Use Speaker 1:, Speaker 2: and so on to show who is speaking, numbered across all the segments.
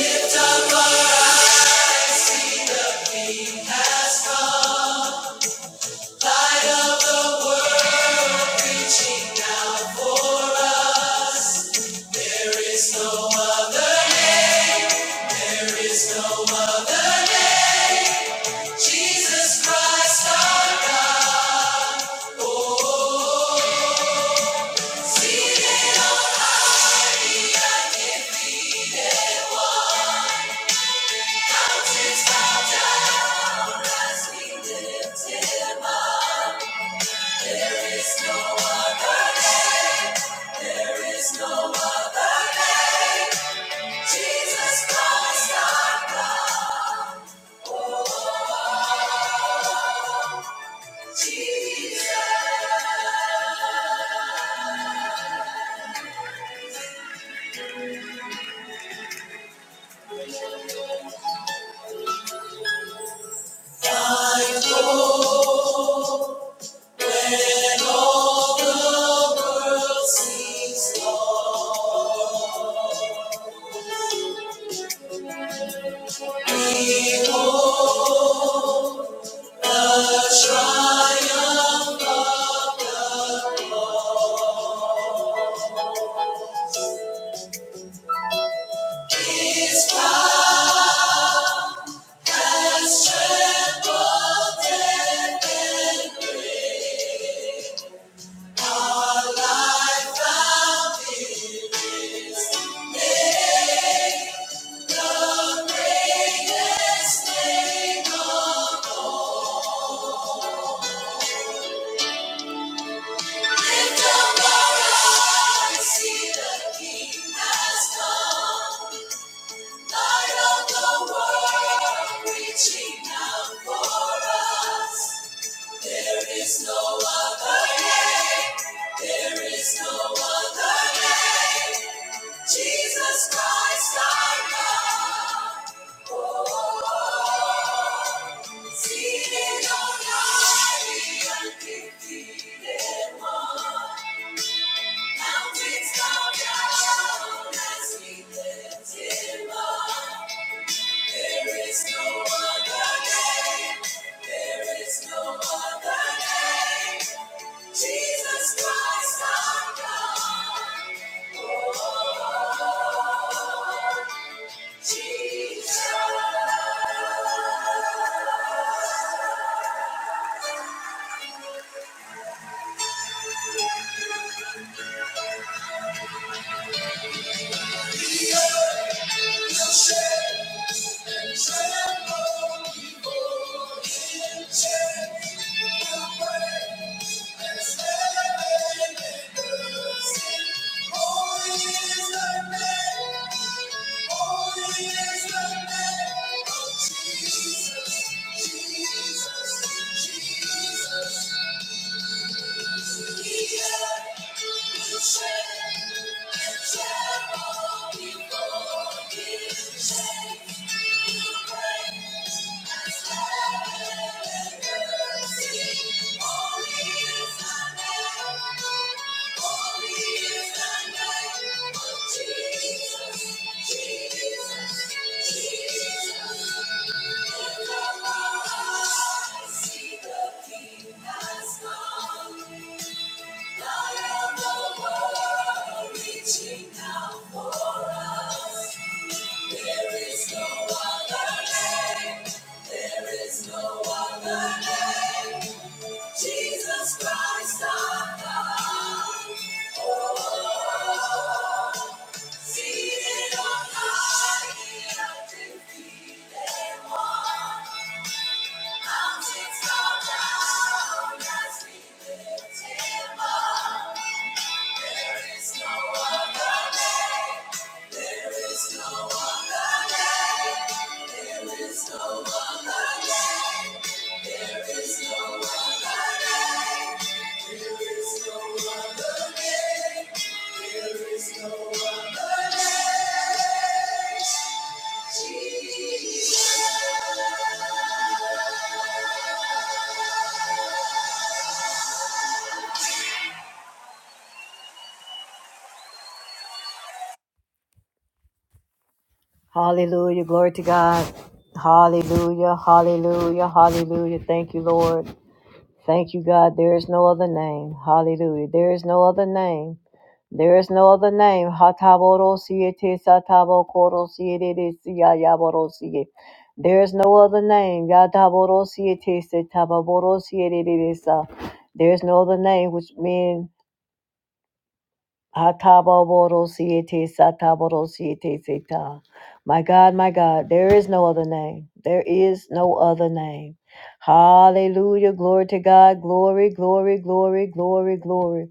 Speaker 1: Lift up our seed, the King has come down for us. There is no other name, there is no other name. Jesus Christ our God. There is no other name, there is no other name. Jesus Christ our God. Jesus. Lift up our eyes, see the King has come. Light of the world, reaching out for us. There is no other name. There is no other name. Jesus Christ, our God. Oh, seated on high, the undefeated one. There is no other name. There is no other name. Jesus Christ, our God, Jesus. Jesus, Jesus, Jesus. Jesus, Jesus, Jesus Christ, our God, oh, seated on high, he has defeated all. Jesus. Hallelujah. Glory to God. Hallelujah. Hallelujah. Hallelujah. Thank you, Lord. Thank you, God. There is no other name. Hallelujah. There is no other name. There is no other name. Hataborosiete satabokorosiete siyayaborosiye. There is no other name. Yataborosiete setababorosiete sa. There is no other name which men Hatabobodosiete, satabodosiete, seta. My God, my God, there is no other name. There is no other name. Hallelujah. Glory to God. Glory, glory, glory, glory, glory.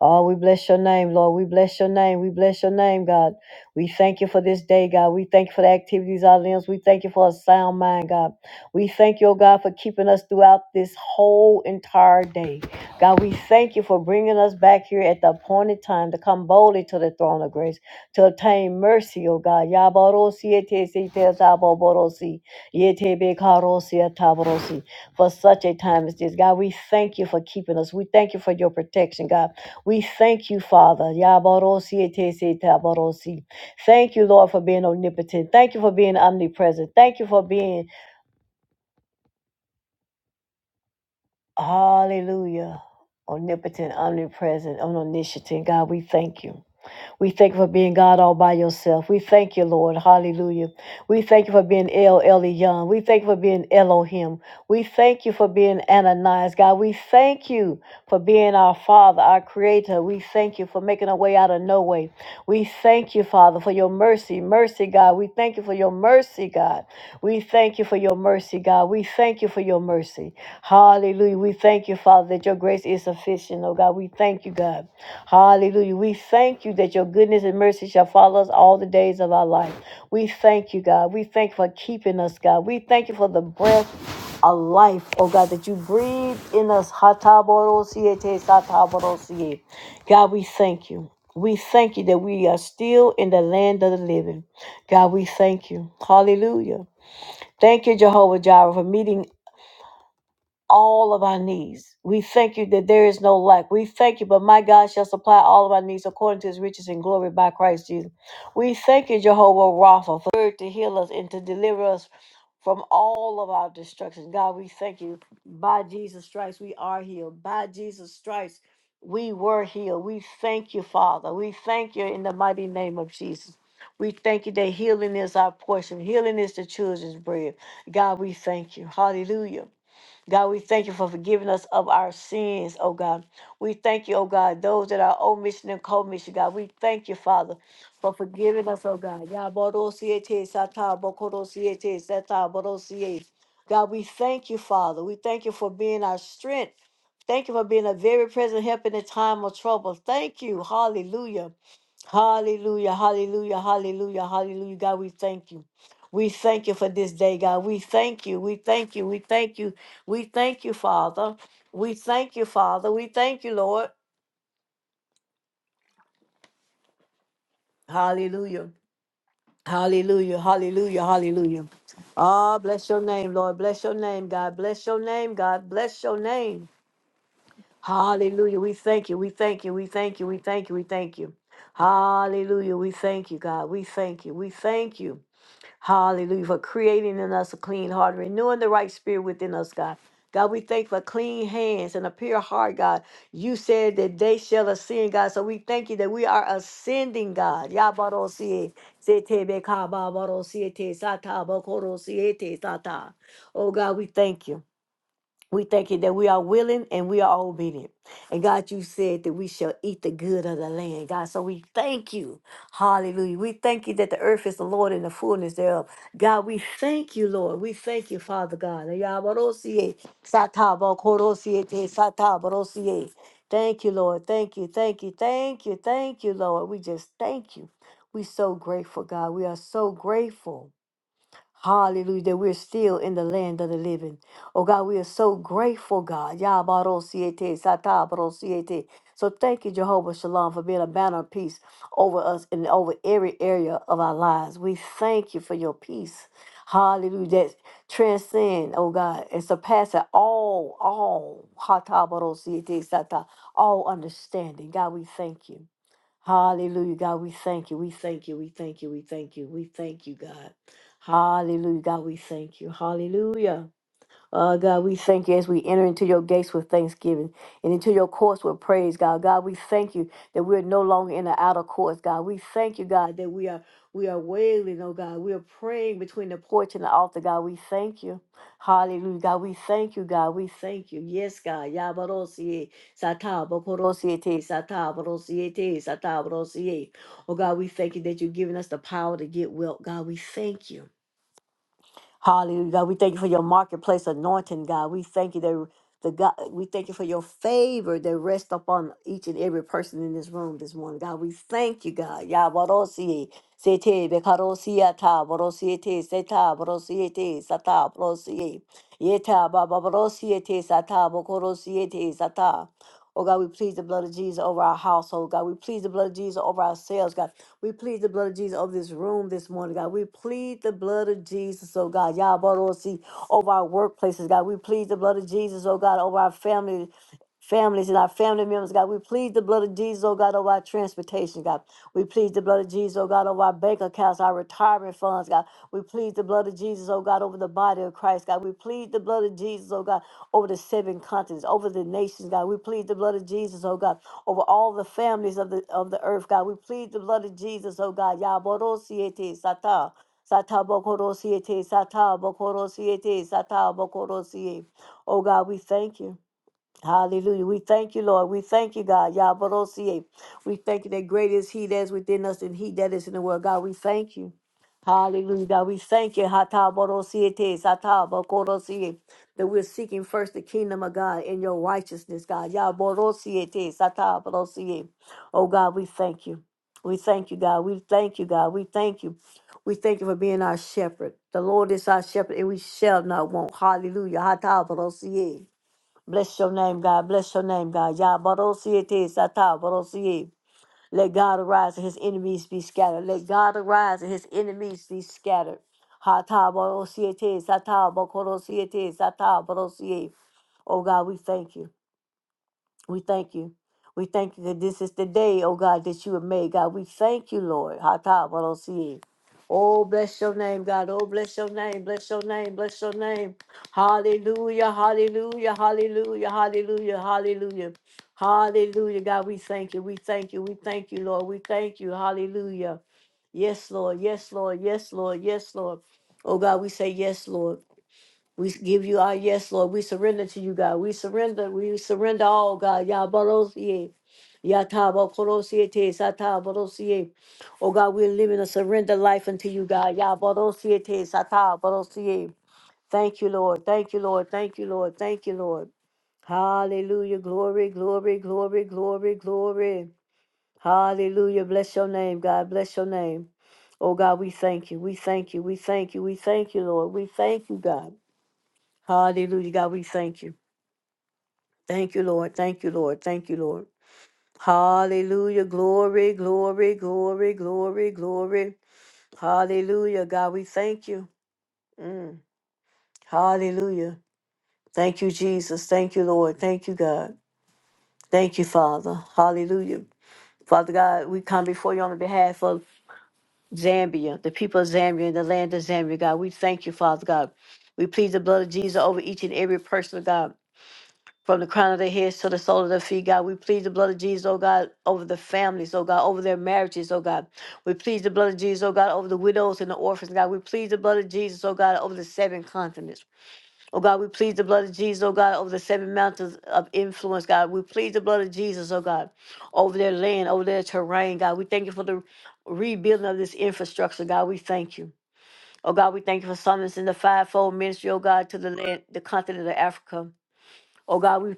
Speaker 1: Oh, we bless your name, Lord. We bless your name. We bless your name, God. We thank you for this day, God. We thank you for the activities of our limbs. We thank you for a sound mind, God. We thank you, oh God, for keeping us throughout this whole entire day. God, we thank you for bringing us back here at the appointed time to come boldly to the throne of grace to obtain mercy, oh God. Yaborosi ete se te taboborosi, yete bekarosi ataborosi. For such a time as this, God, we thank you for keeping us. We thank you for your protection, God. We thank you, Father. Yabarosi etesi tabarosi. Thank you, Lord, for being omnipotent. Thank you for being omnipresent. Thank you for being, hallelujah, omnipotent, omnipresent, and omniscient. God, we thank you. We thank you for being God all by yourself. We thank you, Lord. Hallelujah. We thank you for being El Elyon. We thank you for being Elohim. We thank you for being Ananias, God. We thank you. for being our Father, our Creator. We thank you for making a way out of no way. We thank you, Father, for your mercy. Mercy, God. We thank you for your mercy, God. We thank you for your mercy, God. We thank you for your mercy. Hallelujah. We thank you, Father, that your grace is sufficient, oh God. We thank you, God. Hallelujah. We thank you that your goodness and mercy shall follow us all the days of our life. We thank you, God. We thank you for keeping us, God. We thank you for the breath a life, oh God, that you breathe in us. Hatabodosie te satabodosie. God, we thank you. We thank you that we are still in the land of the living. God, we thank you. Hallelujah. Thank you, Jehovah Jireh, for meeting all of our needs. We thank you that there is no lack. We thank you, but my God shall supply all of our needs according to his riches and glory by Christ Jesus. We thank you, Jehovah Rapha, for your word to heal us and to deliver us from all of our destruction. God, we thank you. By Jesus Christ, we are healed. By Jesus Christ, we were healed. We thank you, Father. We thank you in the mighty name of Jesus. We thank you that healing is our portion. Healing is the children's bread. God, we thank you. Hallelujah. God, we thank you for forgiving us of our sins, oh God. We thank you, oh God, those that are omission and commission, God. We thank you, Father, for forgiving us, oh God. Yah bo do si te sa ta bo ko si si. God, we thank you, Father. We thank you for being our strength. Thank you for being a very present help in the time of trouble. Thank you. Hallelujah. Hallelujah. Hallelujah. Hallelujah. Hallelujah. God, we thank you. We thank you for this day, God. We thank you. We thank you. We thank you. We thank you, Father. We thank you, Father. We thank you, Lord. Hallelujah. Hallelujah. Hallelujah. Hallelujah. Ah, bless your name, Lord. Bless your name, God. Bless your name, God. Bless your name. Hallelujah. We thank you. We thank you. We thank you. We thank you. We thank you. Hallelujah. We thank you, God. We thank you. We thank you. Hallelujah. For creating in us a clean heart, renewing the right spirit within us, God. God, we thank for clean hands and a pure heart, God. You said that they shall ascend, God. So we thank you that we are ascending, God. Yabarosie, setebekababarosiete, te sata. bokorosie te sata. Oh, God, we thank you. We thank you that we are willing and we are obedient. And God, you said that we shall eat the good of the land, God. So we thank you. Hallelujah. We thank you that the earth is the Lord and the fullness thereof. God, we thank you, Lord. We thank you, Father God. Yabarosie, satabokorosie, te satabarosie. Thank you, Lord. Thank you. Thank you. Thank you. Thank you, Lord. We just thank you. We so grateful, God. We are so grateful. Hallelujah, that we're still in the land of the living. Oh God, we are so grateful, God. Yabarosiete, satabarosiete. So thank you, Jehovah Shalom, for being a banner of peace over us and over every area of our lives. We thank you for your peace. Hallelujah. That transcend, oh God, and surpass it all, all, hatabarosiete, sata, all understanding. God, we thank you. Hallelujah, God. We thank you. We thank you. We thank you. We thank you. We thank you, God. Hallelujah, God. We thank you. Hallelujah. Uh, God, we thank you as we enter into your gates with thanksgiving and into your courts with praise, God. God, we thank you that we're no longer in the outer courts, God. We thank you, God, that we are we are wailing, oh God. We are praying between the porch and the altar, God. We thank you. Hallelujah. God, we thank you, God. We thank you. Yes, God. Yabarosie, sataboporosie, satabrosiete, satabrosiete. Oh God, we thank you that you've given us the power to get well. God, we thank you. Hallelujah. God, we thank you for your marketplace anointing, God. We thank you that the God, we thank you for your favor that rests upon each and every person in this room this morning. God, we thank you, God. Yah, barosi, sete, bekarosia, ta, borosiete, seta, borosiete, sata, borosie, yeta, baba, borosiete, sata, bokorosiete, sata. Oh God, we please the blood of Jesus over our household. God, we please the blood of Jesus over ourselves. God, we plead the blood of Jesus over this room this morning, God. We plead the blood of Jesus, oh God. Yabarosi, over our workplaces, God. We plead the blood of Jesus, oh God, over our family, families and our family members, God. We plead the blood of Jesus, oh God, over our transportation, God. We plead the blood of Jesus, oh God, over our bank accounts, our retirement funds, God. We plead the blood of Jesus, oh God, over the body of Christ, God. We plead the blood of Jesus, oh God, over the seven continents, over the nations, God. We plead the blood of Jesus, oh God, over all the families of the of the earth, God. We plead the blood of Jesus, oh God. Yaborosiete sata. Sata bokorosiete, sata bokorosiete, sata bokorosie. Oh God, we thank you. Hallelujah. We thank you, Lord. We thank you, God. Yabarosie. We thank you that great is He that is within us than He that is in the world. God, we thank you. Hallelujah. God, we thank you. Hatabarosie te, satabakorosie, That we're seeking first the kingdom of God and your righteousness, God. Yabarosie te, satabarosie. Oh, God, we thank you. We thank you, God. We thank you, God. We thank you. We thank you for being our shepherd. The Lord is our shepherd, and we shall not want. Hallelujah. Hatabarosie. Bless your name, God. Bless your name, God. Yah Barosiete Sata Barosie. Let God arise and his enemies be scattered. Let God arise and his enemies be scattered. Hata Barosiete Sata Bakorosiete Sata Barosie. Oh God, we thank you. We thank you. We thank you that this is the day, oh God, that you have made, God. We thank you, Lord. Hata Barosi. Oh, bless your name, God. Oh, bless your name. Bless your name. Bless your name. Hallelujah. Hallelujah. Hallelujah. Hallelujah. Hallelujah. Hallelujah. God, we thank you. We thank you. We thank you, Lord. We thank you. Hallelujah. Yes, Lord. Yes, Lord. Yes, Lord. Yes, Lord. Oh, God, we say yes, Lord. We s- give you our yes, Lord. We surrender to you, God. We surrender. We surrender all, God. Yabarosie. Yatabokorosie. Sataborosie. Oh, God, we're living a surrender life unto you, God. Yabarosie. Sataborosie. Thank you, Lord. Thank you, Lord. Thank you, Lord. Thank you, Lord. Hallelujah. Glory, glory, glory, glory, glory. Hallelujah. Bless your name, God. Bless your name. Oh, God, we thank you. We thank you. We thank you. We thank you, Lord. We thank you, God. Hallelujah. God, we thank you. Thank you, Lord. Thank you, Lord. Thank you, Lord. Hallelujah. Glory, glory, glory, glory, glory. Hallelujah. God, we thank you. Mm. Hallelujah. Thank you, Jesus. Thank you, Lord. Thank you, God. Thank you, Father. Hallelujah. Father God, we come before you on behalf of Zambia, the people of Zambia and the land of Zambia, God. We thank you, Father God. We plead the blood of Jesus over each and every person, God. from the crown of their heads to the sole of their feet, God. We plead the blood of Jesus, oh God, over the families, oh God, over their marriages, oh God. We plead the blood of Jesus, oh God, over the widows and the orphans, God. We plead the blood of Jesus, oh God, over the seven continents. Oh God, we plead the blood of Jesus, oh God, over the seven mountains of influence, God. We plead the blood of Jesus, oh God, over their land, over their terrain, God. We thank you for the rebuilding of this infrastructure, God. We thank you. Oh God, we thank you for summons in the fivefold ministry, oh God, to the land, the continent of Africa. Oh God, we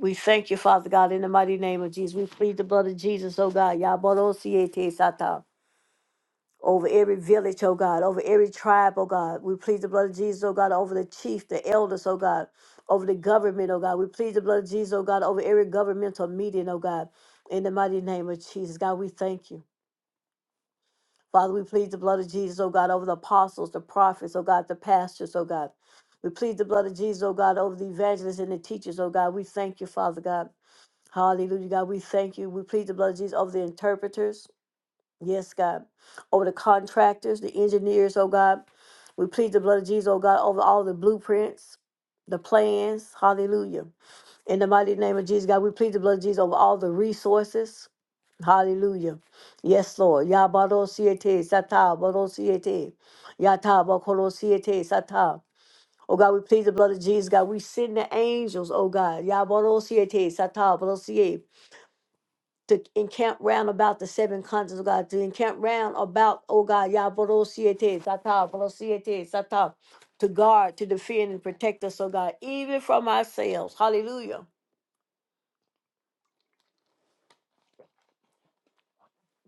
Speaker 1: we thank you, Father God, in the mighty name of Jesus. We plead the blood of Jesus, oh God. Yabarosiete Sata. Over every village, oh God, over every tribe, oh God. We plead the blood of Jesus, oh God, over the chief, the elders, oh God, over the government, oh God. We plead the blood of Jesus, oh God, over every governmental meeting, oh God. In the mighty name of Jesus, God, we thank you. Father, we plead the blood of Jesus, oh God, over the apostles, the prophets, oh God, the pastors, oh God. We plead the blood of Jesus, oh God, over the evangelists and the teachers, oh God. We thank you, Father God. Hallelujah, God. We thank you. We plead the blood of Jesus over the interpreters. Yes, God. Over the contractors, the engineers, oh God. We plead the blood of Jesus, oh God, over all the blueprints, the plans. Hallelujah. In the mighty name of Jesus, God, we plead the blood of Jesus over all the resources. Hallelujah. Yes, Lord. Ya baro siete sata baro siete. Ya ta bakoro siete sata. Oh God, we plead the blood of Jesus, God. We send the angels, oh God. Ya baro siete sata baro siete to encamp round about the seven continents, oh God, to encamp round about, oh God, Yaborosiete, Sata, Borosiete, Sata, to guard, to defend, and protect us, oh God, even from ourselves. Hallelujah.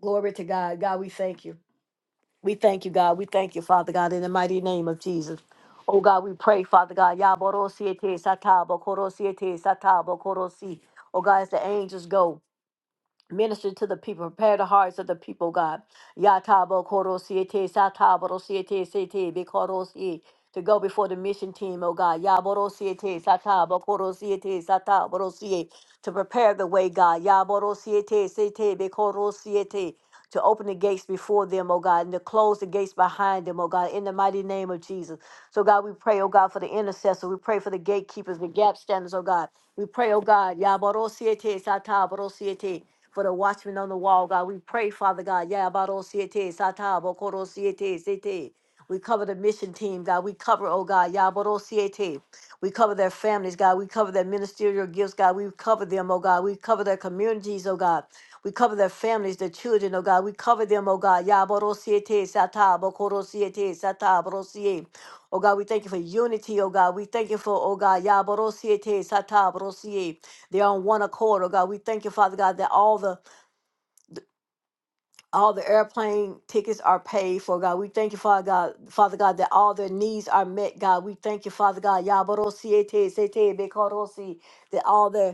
Speaker 1: Glory to God. God, we thank you. We thank you, God. We thank you, Father God, in the mighty name of Jesus. Oh God, we pray, Father God, Yaborosiete, Sata, borosiete, Sata, Bokorosi. Oh God, as the angels go. Minister to the people, prepare the hearts of the people, God. Yatabo koro siete, sataboro siete, sete, bikoro si. To go before the mission team, oh God. Yaboro siete, satabo koro siete, sataboro siete. To prepare the way, God. Yaboro siete, sete, bikoro siete to open the gates before them, oh God, and to close the gates behind them, oh God, in the mighty name of Jesus. So, God, we pray, oh God, for the intercessor. We pray for the gatekeepers, the gap standers, oh God. We pray, oh God, Yabarosiete Sata Barosiete. For the watchmen on the wall, God, we pray, Father God. Yabarosiete Sata Bokorosiete Sete. We cover the mission team, God. We cover, oh God, Yabarosiete. We cover their families, God. We cover their ministerial gifts, God. We cover them, oh God. We cover their communities, oh God. We cover their families, their children, oh God. We cover them, oh God. Yaborosiete sata, bokorosiete sata, borosie. Oh God, we thank you for unity, oh God. We thank you for, oh God, yaborosiete sata, borosie. They're on one accord, oh God. We thank you, Father God, that all the all the airplane tickets are paid for, God. We thank you, Father God, Father God, that all their needs are met, God. We thank you, Father God, yaborosiete sete, bekorosi, that all their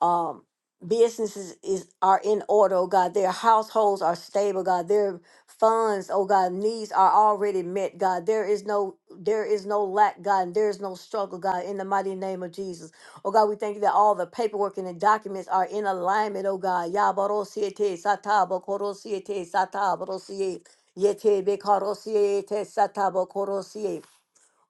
Speaker 1: um businesses is are in order oh god their households are stable god their funds oh god needs are already met god there is no there is no lack god and there is no struggle god in the mighty name of jesus oh god we thank you that all the paperwork and the documents are in alignment oh god Yabarosiete satabokorosiete satabokosie, yetebekorosie, te satabokosie.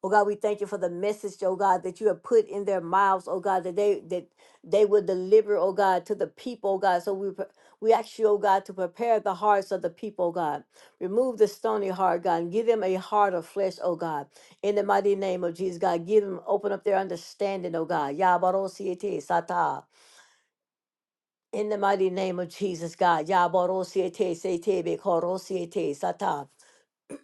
Speaker 1: Oh God, we thank you for the message, oh God, that you have put in their mouths, oh God, that they that they will deliver, oh God, to the people, oh God. So we pre- we ask you, oh God, to prepare the hearts of the people, oh God. Remove the stony heart, God, and give them a heart of flesh, oh God. In the mighty name of Jesus, God, give them, open up their understanding, oh God. Yabarosiete sata. In the mighty name of Jesus, God. Yabarosiete sete bekorosiete sata.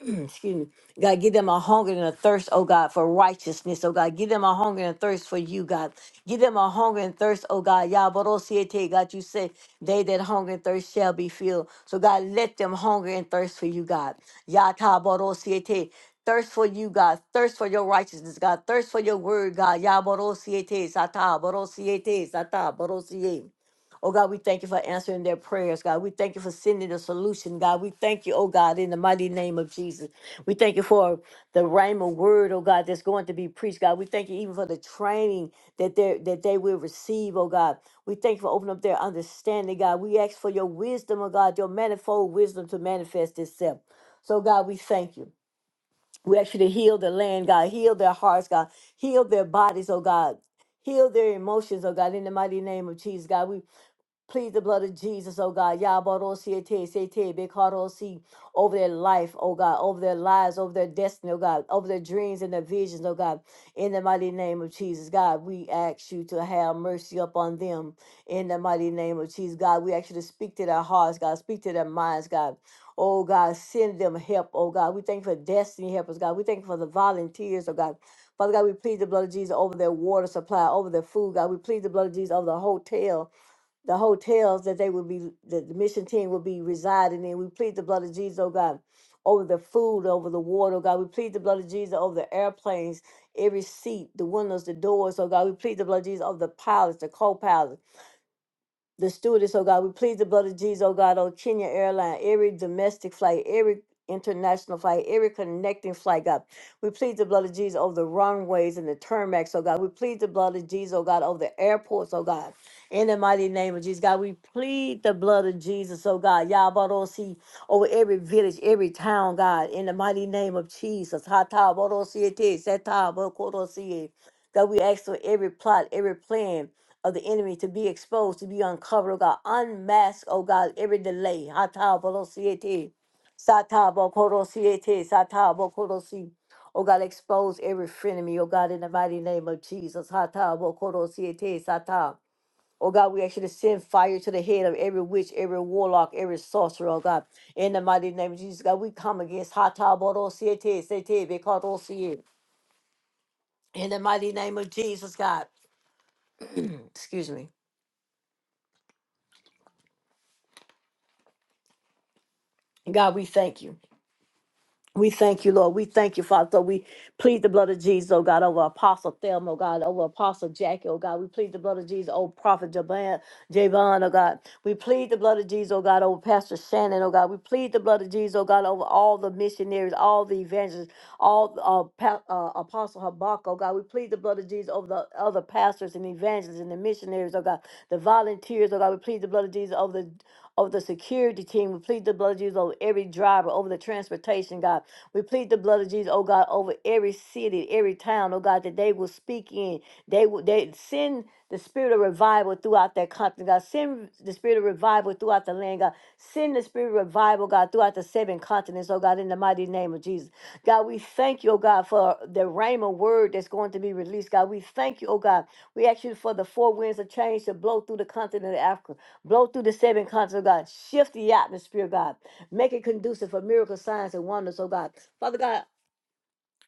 Speaker 1: excuse me, God, give them a hunger and a thirst, oh God, for righteousness, oh God. Give them a hunger and a thirst for you, God. Give them a hunger and thirst, oh God. Yabarosiete, God, you say, they that hunger and thirst shall be filled. So, God, let them hunger and thirst for you, God. Yatabarosiete. Thirst for you, God. Thirst for your righteousness, God. Thirst for your word, God. Yabarosiete, sata, borosiete, sata, borosie. Oh God, we thank you for answering their prayers, God. We thank you for sending a solution, God. We thank you, oh God, in the mighty name of Jesus. We thank you for the rhema word, oh God, that's going to be preached, God. We thank you even for the training that they that they will receive, oh God. We thank you for opening up their understanding, God. We ask for your wisdom, oh God, your manifold wisdom to manifest itself. So God, we thank you. We ask you to heal the land, God. Heal their hearts, God. Heal their bodies, oh God. Heal their emotions, oh God, in the mighty name of Jesus, God. We Please the blood of Jesus, oh God. Yabarosiete, sete, bekarosi, over their life, oh God, over their lives, over their destiny, oh God, over their dreams and their visions, oh God. In the mighty name of Jesus, God, we ask you to have mercy upon them. In the mighty name of Jesus, God, we ask you to speak to their hearts, God, speak to their minds, God. Oh God, send them help, oh God. We thank you for destiny helpers, God. We thank you for the volunteers, oh God. Father God, we plead the blood of Jesus over their water supply, over their food, God. We plead the blood of Jesus over the hotel, the hotels that they would be, that the mission team would be residing in. We plead the blood of Jesus, oh God, over the food, over the water, oh God. We plead the blood of Jesus over the airplanes, every seat, the windows, the doors, oh God. We plead the blood of Jesus over the pilots, the co pilots the stewardess, oh God. We plead the blood of Jesus, oh God, on Kenya Airline, every domestic flight, every international flight, every connecting flight, God. We plead the blood of Jesus over the runways and the turnbacks, oh God. We plead the blood of Jesus, oh God, over the airports, oh God. In the mighty name of Jesus, God, we plead the blood of Jesus, oh God. Yabarosi over every village, every town, God. In the mighty name of Jesus. Hata borosi ete, seta bokorosi. God, we ask for every plot, every plan of the enemy to be exposed, to be uncovered, oh God. Unmask, oh God, every delay. Hatabolosiete, satabokorosiete, satabokorosi. Oh God, expose every frenemy, oh God, in the mighty name of Jesus. Hatabokorosiete, sata. Oh God, we actually send fire to the head of every witch, every warlock, every sorcerer, oh God. In the mighty name of Jesus, God, we come against Hatabolosiete, setebe, korosiete. In the mighty name of Jesus, God. Excuse me. God, we thank you. We thank you, Lord. We thank you, Father. So we plead the blood of Jesus, oh God, over Apostle Thelma, oh God, over Apostle Jackie, oh God. We plead the blood of Jesus, oh Prophet Jaban, Javon, oh God. We plead the blood of Jesus, oh God, over Pastor Shannon, oh God. We plead the blood of Jesus, oh God, over all the missionaries, all the evangelists, all uh, pa- uh, Apostle Habakkuk, oh God. We plead the blood of Jesus over the other pastors and evangelists and the missionaries, oh God, the volunteers, oh God. We plead the blood of Jesus over the over the security team. We plead the blood of Jesus over every driver, over the transportation, God. We plead the blood of Jesus, oh God, over every city, every town, oh God, that they will speak in. They will they send the spirit of revival throughout that country, God. Send the spirit of revival throughout the land, God. Send Send the spirit of revival, God, throughout the seven continents, oh God, in the mighty name of Jesus. God, we thank you, oh God, for the rhema word that's going to be released. God, we thank you, oh God. We ask you for the four winds of change to blow through the continent of Africa, blow through the seven continents, oh God. Shift the atmosphere, God. Make it conducive for miracle signs and wonders, oh God. Father God,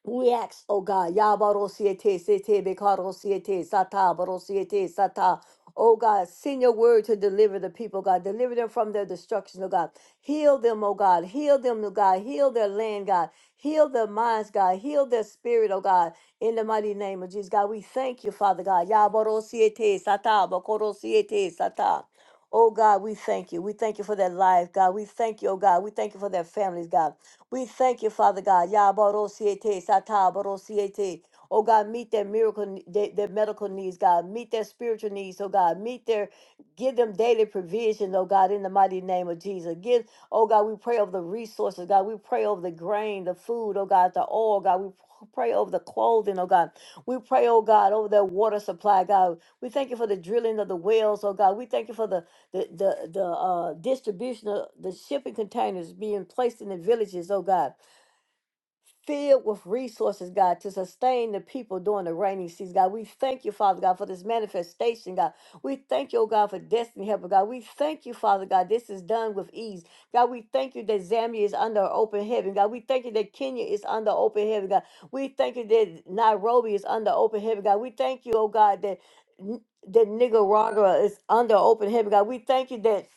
Speaker 1: we ask, O God, Yabarosiete, Sete, Bekarosiete, Sata, Barosiete, Sata. O God, send your word to deliver the people, God. Deliver them from their destruction, O God. Heal them, O God. Heal them, O God. Heal their land, God. Heal their minds, God. Heal their spirit, O God. In the mighty name of Jesus, God, we thank you, Father God. Yabarosiete, Sata, Bakorosiete, Sata. Oh God, we thank you. We thank you for their life, God. We thank you, oh God. We thank you for their families, God. We thank you, Father God. Yabarosiete, satabarosiete. Oh God, meet their miracle, their, their medical needs, God. Meet their spiritual needs, oh God. Meet their, give them daily provision, oh God, in the mighty name of Jesus. Give, oh God, we pray over the resources, God. We pray over the grain, the food, oh God, the oil, God. We pray over the clothing, oh God. We pray, oh God, over their water supply, God. We thank you for the drilling of the wells, oh God. We thank you for the the the the uh, distribution of the shipping containers being placed in the villages, oh God filled with resources, God, to sustain the people during the rainy season, God. We thank you, Father God, for this manifestation, God. We thank you, oh God, for destiny helper, God. We thank you, Father God, this is done with ease. God, we thank you that Zambia is under open heaven, God. We thank you that Kenya is under open heaven, God. We thank you that Nairobi is under open heaven, God. We thank you, oh God, that N- that Nicaragua is under open heaven, God. We thank you that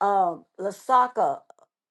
Speaker 1: um Lasaka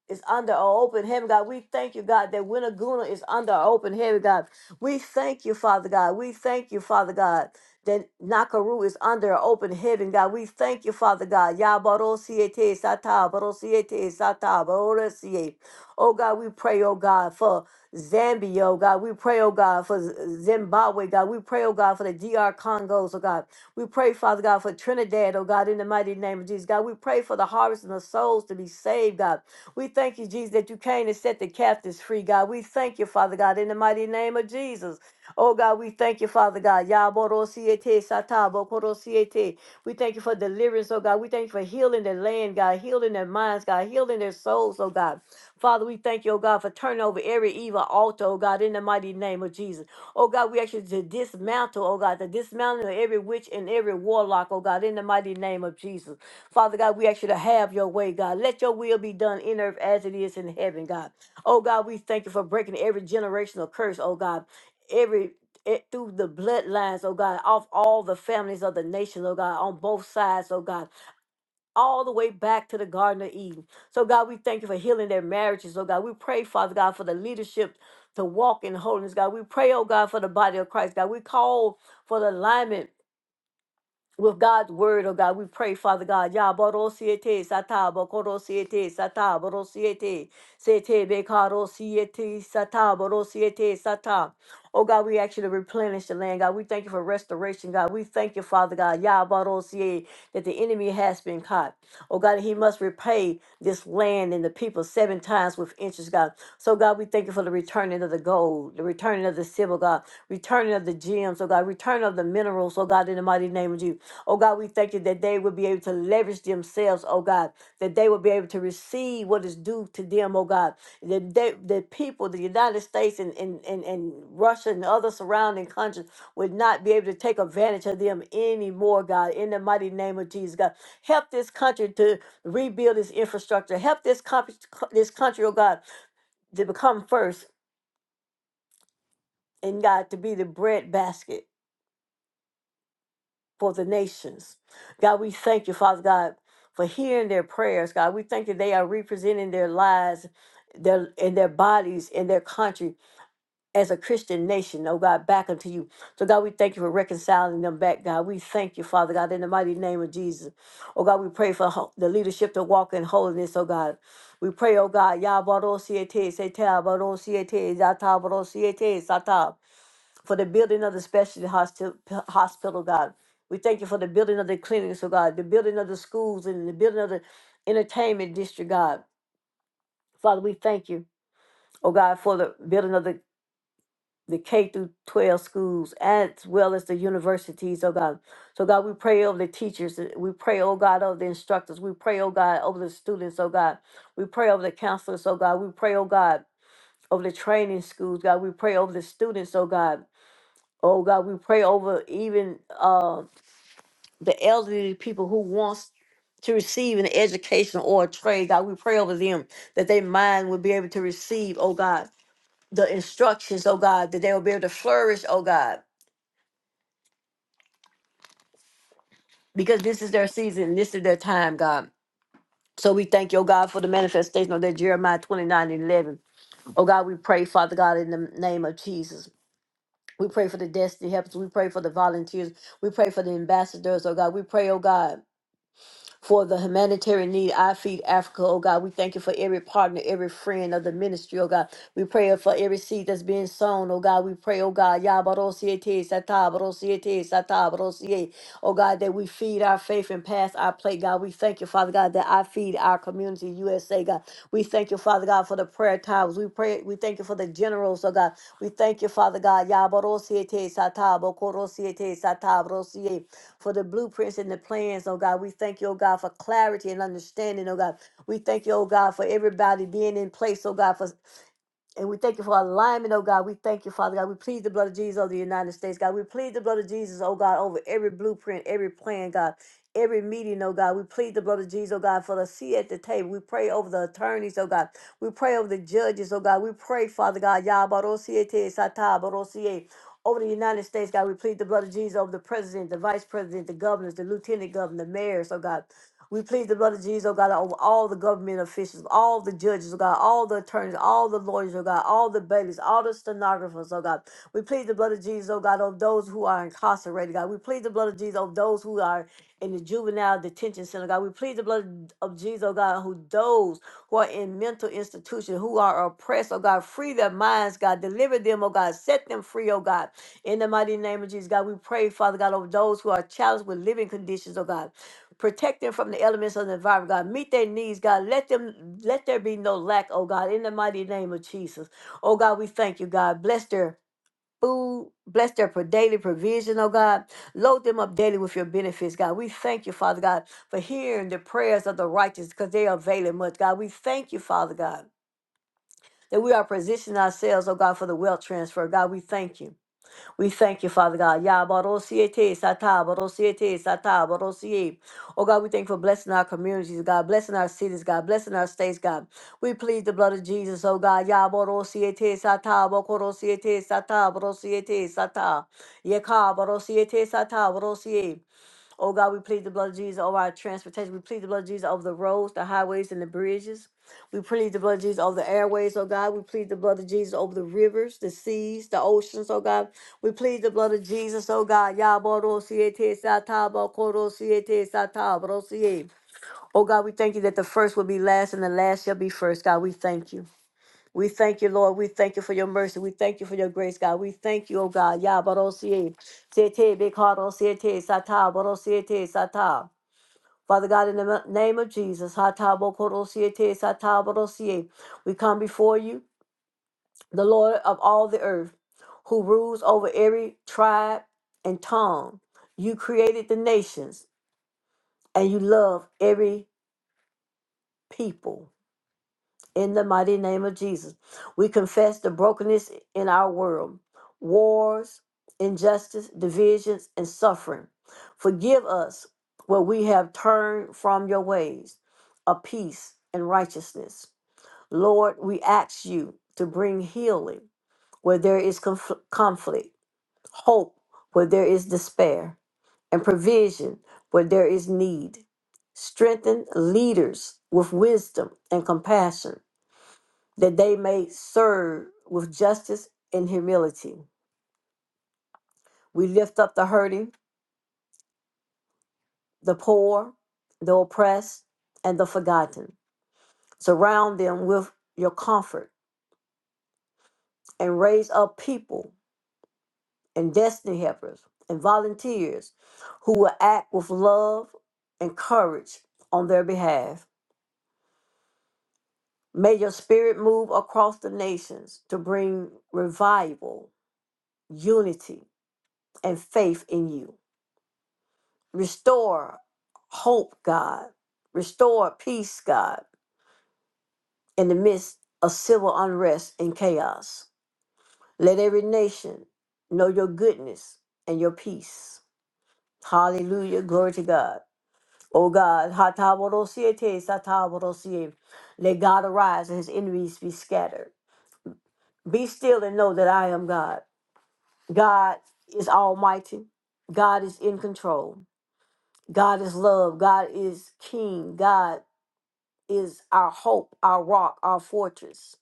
Speaker 1: is under an open heaven, God. We thank you, God, that Winnaguna is under an open heaven, God. We thank you, Father God. We thank you, Father God, that Nakaru is under an open heaven, God. We thank you, Father God. Ya Yabarosiete sata, barosiete sata, barosiete. Oh God, we pray, oh God, for Zambia, oh God. We pray, oh God, for Z- Zimbabwe, God. We pray, oh God, for the DR Congos, oh God. We pray, Father God, for Trinidad, oh God, in the mighty name of Jesus, God. We pray for the harvest and the souls to be saved, God. We thank you, Jesus, that you came to set the captives free, God. We thank you, Father God, in the mighty name of Jesus. Oh, God, we thank you, Father God. Yaborosiete satabo korosiete. We thank you for deliverance, oh God. We thank you for healing their land, God, healing their minds, God, healing their souls, oh God. Father, we thank you, oh God, for turning over every evil altar, oh God, in the mighty name of Jesus. Oh God, we ask you to dismantle, oh God, the dismantling of every witch and every warlock, oh God, in the mighty name of Jesus. Father God, we ask you to have your way, God. Let your will be done in earth as it is in heaven, God. Oh God, we thank you for breaking every generational curse, oh God. Every it, through the bloodlines, oh God, off all the families of the nation, oh God, on both sides, oh God, all the way back to the Garden of Eden. So God, we thank you for healing their marriages, oh God. We pray, Father God, for the leadership to walk in holiness, God. We pray, oh God, for the body of Christ, God. We call for the alignment with God's word, oh God. We pray, Father God. Yaborosiete, satabokorosiete, sataborosiete, sete bekarosiete, sataborosiete, sata. Oh God, we ask you to replenish the land, God. We thank you for restoration, God. We thank you, Father God, Yabarosie, that the enemy has been caught. Oh God, he must repay this land and the people seven times with interest, God. So God, we thank you for the returning of the gold, the returning of the silver, God. Returning of the gems, oh God, return of the minerals, oh God, in the mighty name of you. Oh God, we thank you that they will be able to leverage themselves, oh God, that they will be able to receive what is due to them, oh God. That they, the people, the United States and, and, and, and Russia and other surrounding countries would not be able to take advantage of them anymore, God, in the mighty name of Jesus, God. Help this country to rebuild its infrastructure. Help this, comp- this country, oh God, to become first and God to be the bread basket for the nations. God, we thank you, Father God, for hearing their prayers. God, we thank you they are representing their lives, their and their bodies and their country as a Christian nation, oh God, back unto you. So God, we thank you for reconciling them back, God. We thank you, Father God, in the mighty name of Jesus. Oh God, we pray for ho- the leadership to walk in holiness, oh God. We pray, oh God, Yah Barosiete, Seta Barosiete, Zata Barosiete, Sata for the building of the specialty hospital, hospital, God. We thank you for the building of the clinics, oh God, the building of the schools and the building of the entertainment district, God. Father, we thank you, oh God, for the building of the, the K through 12 schools as well as the universities, oh God. So, God, we pray over the teachers. uh, We pray, oh God, over the instructors. We pray, oh God, over the students, oh God. We pray over the counselors, oh God. We pray, oh God, over the training schools, God. We pray over the students, oh God. Oh God, we pray over even uh, the elderly people who wants to receive an education or a trade. God, we pray over them that their mind will be able to receive, oh God, the instructions, oh God, that they will be able to flourish, oh God, because this is their season, this is their time, God. So we thank you, oh God, for the manifestation of that Jeremiah 29 and 11. Oh God, we pray, Father God, in the name of Jesus. We pray for the destiny helpers. We pray for the volunteers. We pray for the ambassadors, oh God. We pray, oh God. for the humanitarian need. I feed Africa, oh God. We thank you for every partner, every friend of the ministry, oh God. We pray for every seed that's being sown, oh God. We pray, oh God, Yabarosiete, Satabarosiete, Satabarosie, oh God, that we feed our faith and pass our plate, God. We thank you, Father God, that I feed our community, USA, God. We thank you, Father God, for the prayer times. We pray, we thank you for the generals, oh God. We thank you, Father God. Yabarosiete, Satabokoro. Rosiete for the blueprints and the plans, oh God. We thank you, oh God, for clarity and understanding, oh God. We thank you, oh God, for everybody being in place, oh God, for and we thank you for alignment, oh God. We thank you, Father God. We plead the blood of Jesus over the United States, God. We plead the blood of Jesus, oh God, over every blueprint, every plan, God. Every meeting, oh God, we plead the blood of Jesus, oh God, for the seat at the table. We pray over the attorneys, oh God. We pray over the judges, oh God. We pray, Father God, Yah barosiete Yabarosiete Satabarosie. Over the United States, God, we plead the blood of Jesus over the president, the vice president, the governors, the lieutenant governor, the mayors, oh God. We plead the blood of Jesus, oh God, over all the government officials, all the judges, oh God, all the attorneys, all the lawyers, oh God, all the bailies, all the stenographers, oh God. We plead the blood of Jesus, oh God, over those who are incarcerated, God. We plead the blood of Jesus over those who are in the juvenile detention center, God. We plead the blood of Jesus, oh God, who those who are in mental institutions, who are oppressed, oh God, free their minds, God. Deliver them, oh God. Set them free, oh God. In the mighty name of Jesus, God, we pray, Father God, over those who are challenged with living conditions, oh God. Protect them from the elements of the environment, God. Meet their needs, God. Let them let there be no lack, oh God, in the mighty name of Jesus. Oh God, we thank you, God. Bless their food, bless their pro- daily provision, oh God. Load them up daily with your benefits, God. We thank you, Father God, for hearing the prayers of the righteous because they avail it much, God. We thank you, Father God, that we are positioning ourselves, oh God, for the wealth transfer. God, we thank you. We thank you, Father God. Ya barosiete sata barosiete satabarosiete, satabarosie. Oh God, we thank you for blessing our communities, God, blessing our cities, God, blessing our states, God. We plead the blood of Jesus, oh God. Ya barosiete satabakorosiete, satabarosiete, sata. Yekabarosiete, satabarosie. Oh God, we plead the blood of Jesus over our transportation. We plead the blood of Jesus over the roads, the highways, and the bridges. We plead the blood of Jesus over the airways, oh God. We plead the blood of Jesus over the rivers, the seas, the oceans, oh God. We plead the blood of Jesus, oh God. Yaboro siete sataba koro siete satabro siete. Oh God, we thank you that the first will be last and the last shall be first. God, we thank you. We thank you, Lord. We thank you for your mercy. We thank you for your grace, God. We thank you, oh God. Yabarosie, Sete, Bekaro, Sete, Sata, barosiete, Sata. Father God, in the ma- name of Jesus, Hata, Bokoro, Siete, Sata, Borosie, we come before you, the Lord of all the earth, who rules over every tribe and tongue. You created the nations, and you love every people. In the mighty name of Jesus, we confess the brokenness in our world, wars, injustice, divisions, and suffering. Forgive us where we have turned from your ways of peace and righteousness. Lord, we ask you to bring healing where there is conf- conflict, hope where there is despair, and provision where there is need. Strengthen leaders with wisdom and compassion that they may serve with justice and humility. We lift up the hurting, the poor, the oppressed, and the forgotten. Surround them with your comfort and raise up people and destiny helpers and volunteers who will act with love and courage on their behalf. May your spirit move across the nations to bring revival, unity, and faith in you. Restore hope, God. Restore peace, God, in the midst of civil unrest and chaos. Let every nation know your goodness and your peace. Hallelujah. Glory to God. O God, Hatawarosiete, Sataworosie. let God arise and his enemies be scattered. Be still and know that I am God. God is almighty. God is in control. God is love. God is king. God is our hope, our rock, our fortress.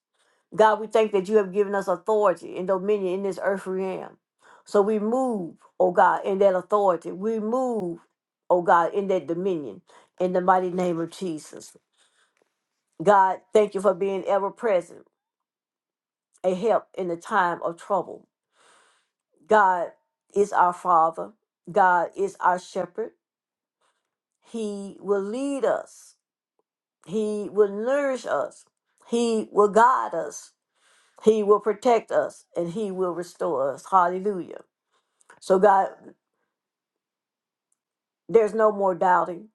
Speaker 1: God, we thank that you have given us authority and dominion in this earth realm. So we move, oh God, in that authority. We move, oh God, in that dominion in the mighty name of Jesus. God, thank you for being ever present, a help in the time of trouble. God is our Father. God is our shepherd. He will lead us. He will nourish us. He will guide us. He will protect us and he will restore us. Hallelujah. So, God, there's no more doubting.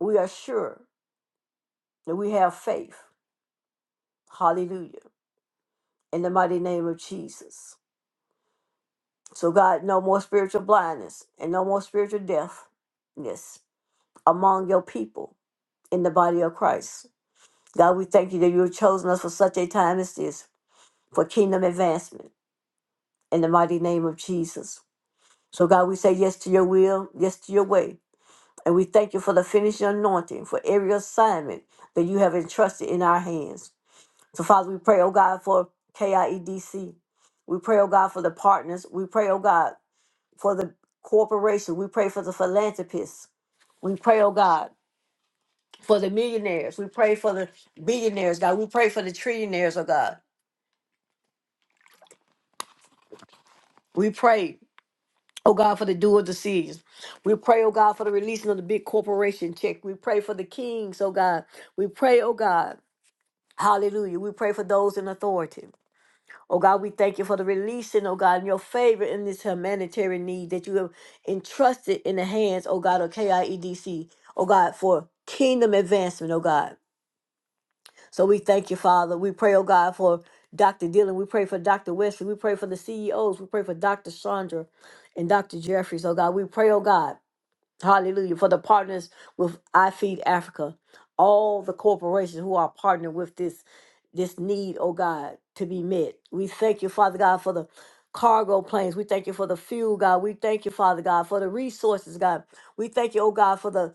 Speaker 1: We are sure that we have faith. Hallelujah. In the mighty name of Jesus. So, God, no more spiritual blindness and no more spiritual deafness among your people in the body of Christ. God, we thank you that you have chosen us for such a time as this for kingdom advancement in the mighty name of Jesus. So, God, we say yes to your will, yes to your way. And we thank you for the finishing anointing for every assignment that you have entrusted in our hands. So, Father, we pray, oh God, for KIEDC. We pray, oh God, for the partners. We pray, oh God, for the corporation. We pray for the philanthropists. We pray, oh God, for the millionaires. We pray for the billionaires, God. We pray for the trillionaires, oh God. We pray, oh God, for the dual decisions. We pray, oh God, for the releasing of the big corporation check. We pray for the kings, oh God. We pray, oh God. Hallelujah. We pray for those in authority. Oh God, we thank you for the releasing, oh God, and your favor in this humanitarian need that you have entrusted in the hands, oh God, of KIEDC, oh God, for kingdom advancement, oh God. So we thank you, Father. We pray, oh God, for Dr. Dillon. We pray for Dr. Wesley. We pray for the CEOs. We pray for Dr. Chandra and Dr. Jeffries, oh God. We pray, oh God. Hallelujah. For the partners with I Feed Africa, all the corporations who are partnering with this this need, oh God, to be met. We thank you, Father God, for the cargo planes. We thank you for the fuel, God. We thank you, Father God, for the resources, God. We thank you, oh God, for the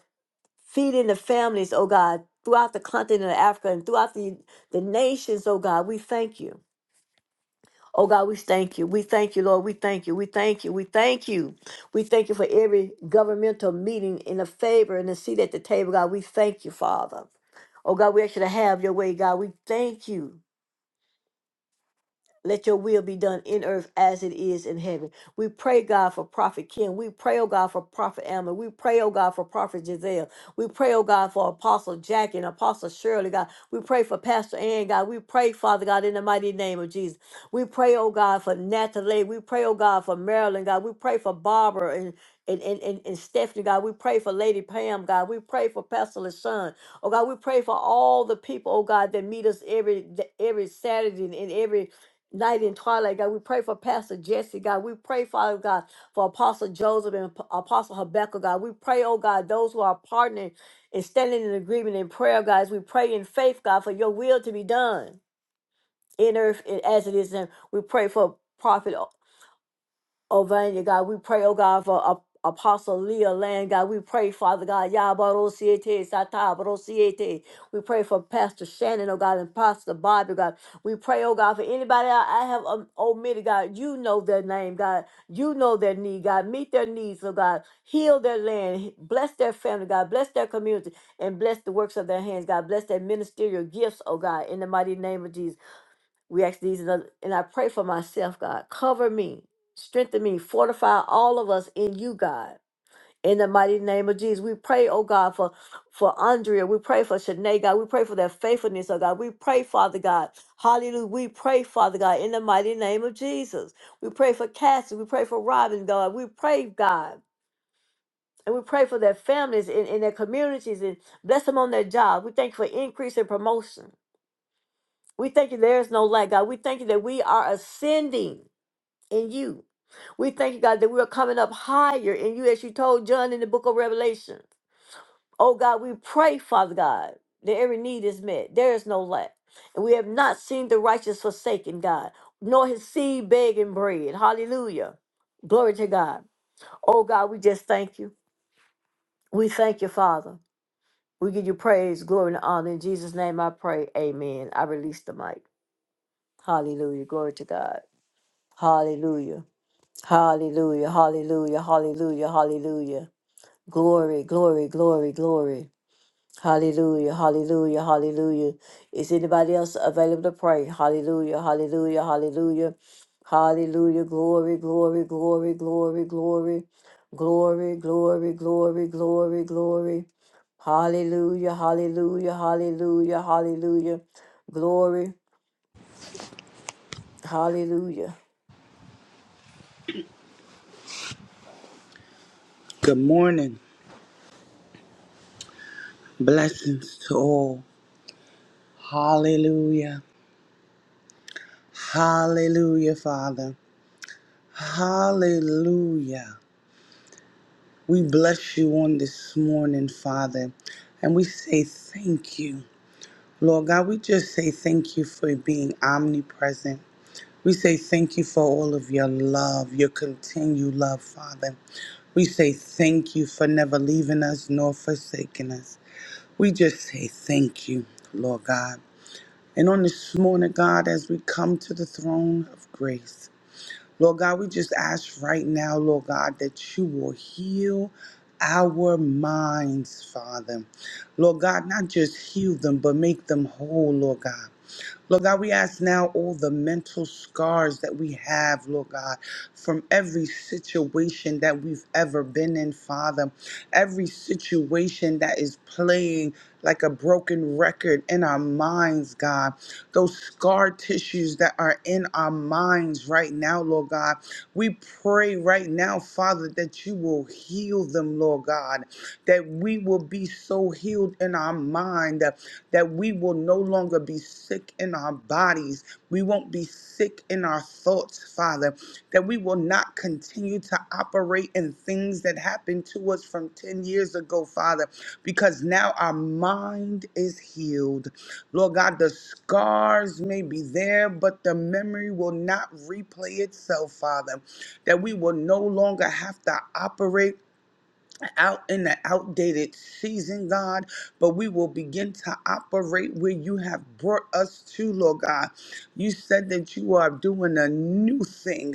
Speaker 1: feeding the families, oh God, throughout the continent of Africa and throughout the, the nations, oh God. We thank you. Oh God, we thank you. We thank you, Lord. We thank you. We thank you. We thank you. We thank you for every governmental meeting in the favor and the seat at the table, God. We thank you, Father. Oh God, we actually have your way, God. We thank you. Let your will be done in earth as it is in heaven. We pray, God, for Prophet Kim. We pray, oh God, for Prophet Alma. We pray, oh God, for Prophet Giselle. We pray, oh God, for Apostle Jackie and Apostle Shirley, God. We pray for Pastor Ann, God. We pray, Father God, in the mighty name of Jesus. We pray, oh God, for Natalie. We pray, oh God, for Marilyn, God. We pray for Barbara and and, and, and, and Stephanie, God, we pray for Lady Pam, God. We pray for Pastor LaShawn. Oh God, we pray for all the people, oh God, that meet us every every Saturday and every night and twilight, God. We pray for Pastor Jesse, God. We pray, Father God, for Apostle Joseph and Ap- Apostle Habakkuk, God. We pray, oh God, those who are partnering and standing in agreement in prayer, guys. We pray in faith, God, for your will to be done in earth and as it is in. We pray for Prophet. Oh, Vanya, God, we pray, oh God, for Ap- Apostle Leah Land, God, we pray, Father God, Yabarosiete, Satabarosiete. We pray for Pastor Shannon, oh God, and Pastor Bobby, God. We pray, oh God, for anybody I I have um, omitted, God. You know their name, God. You know their need, God. Meet their needs, oh God. Heal their land. He- Bless their family, God. Bless their community and bless the works of their hands, God. Bless their ministerial gifts, oh God, in the mighty name of Jesus. We ask these and, other, and I pray for myself, God. Cover me, strengthen me, fortify all of us in you, God. In the mighty name of Jesus, we pray, oh God, for for Andrea. We pray for Shanae, God. We pray for their faithfulness, oh God. We pray, Father God. Hallelujah. We pray, Father God, in the mighty name of Jesus. We pray for Cassie. We pray for Robin, God. We pray, God. And we pray for their families and, and their communities and bless them on their job. We thank you for increase and promotion. We thank you there is no lack, God. We thank you that we are ascending in you. We thank you, God, that we are coming up higher in you, as you told John in the book of Revelation. Oh, God, we pray, Father God, that every need is met. There is no lack. And we have not seen the righteous forsaken, God, nor his seed begging bread. Hallelujah. Glory to God. Oh, God, we just thank you. We thank you, Father. We give you praise, glory, and honor. In Jesus' name I pray. Amen. I release the mic. Hallelujah. Glory to God. Hallelujah. Hallelujah, hallelujah, hallelujah, hallelujah. Glory, glory, glory, glory. Hallelujah, hallelujah, hallelujah. Is anybody else available to pray? Hallelujah, hallelujah, hallelujah. Hallelujah, glory, glory, glory, glory, glory. Glory, glory, glory, glory, glory. Hallelujah, hallelujah, hallelujah, hallelujah. Glory, hallelujah.
Speaker 2: Good morning. Blessings to all. Hallelujah. Hallelujah, Father. Hallelujah. We bless you on this morning, Father, and we say thank you. Lord God, we just say thank you for being omnipresent. We say thank you for all of your love, your continued love, Father. We say thank you for never leaving us nor forsaking us. We just say thank you, Lord God. And on this morning, God, as we come to the throne of grace, Lord God, we just ask right now, Lord God, that you will heal our minds, Father. Lord God, not just heal them, but make them whole, Lord God. Lord God, we ask now all the mental scars that we have, Lord God, from every situation that we've ever been in, Father, every situation that is playing like a broken record in our minds, God, those scar tissues that are in our minds right now, Lord God, we pray right now, Father, that you will heal them, Lord God, that we will be so healed in our mind that we will no longer be sick in our bodies. We won't be sick in our thoughts, Father, that we will not continue to operate in things that happened to us from 10 years ago, Father, because now our mind is healed. Lord God, the scars may be there, but the memory will not replay itself, Father, that we will no longer have to operate out in the outdated season, God, but we will begin to operate where you have brought us to, Lord God. You said that you are doing a new thing.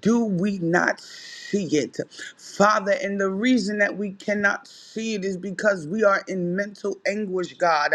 Speaker 2: Do we not see it? Father, and the reason that we cannot see it is because we are in mental anguish, God.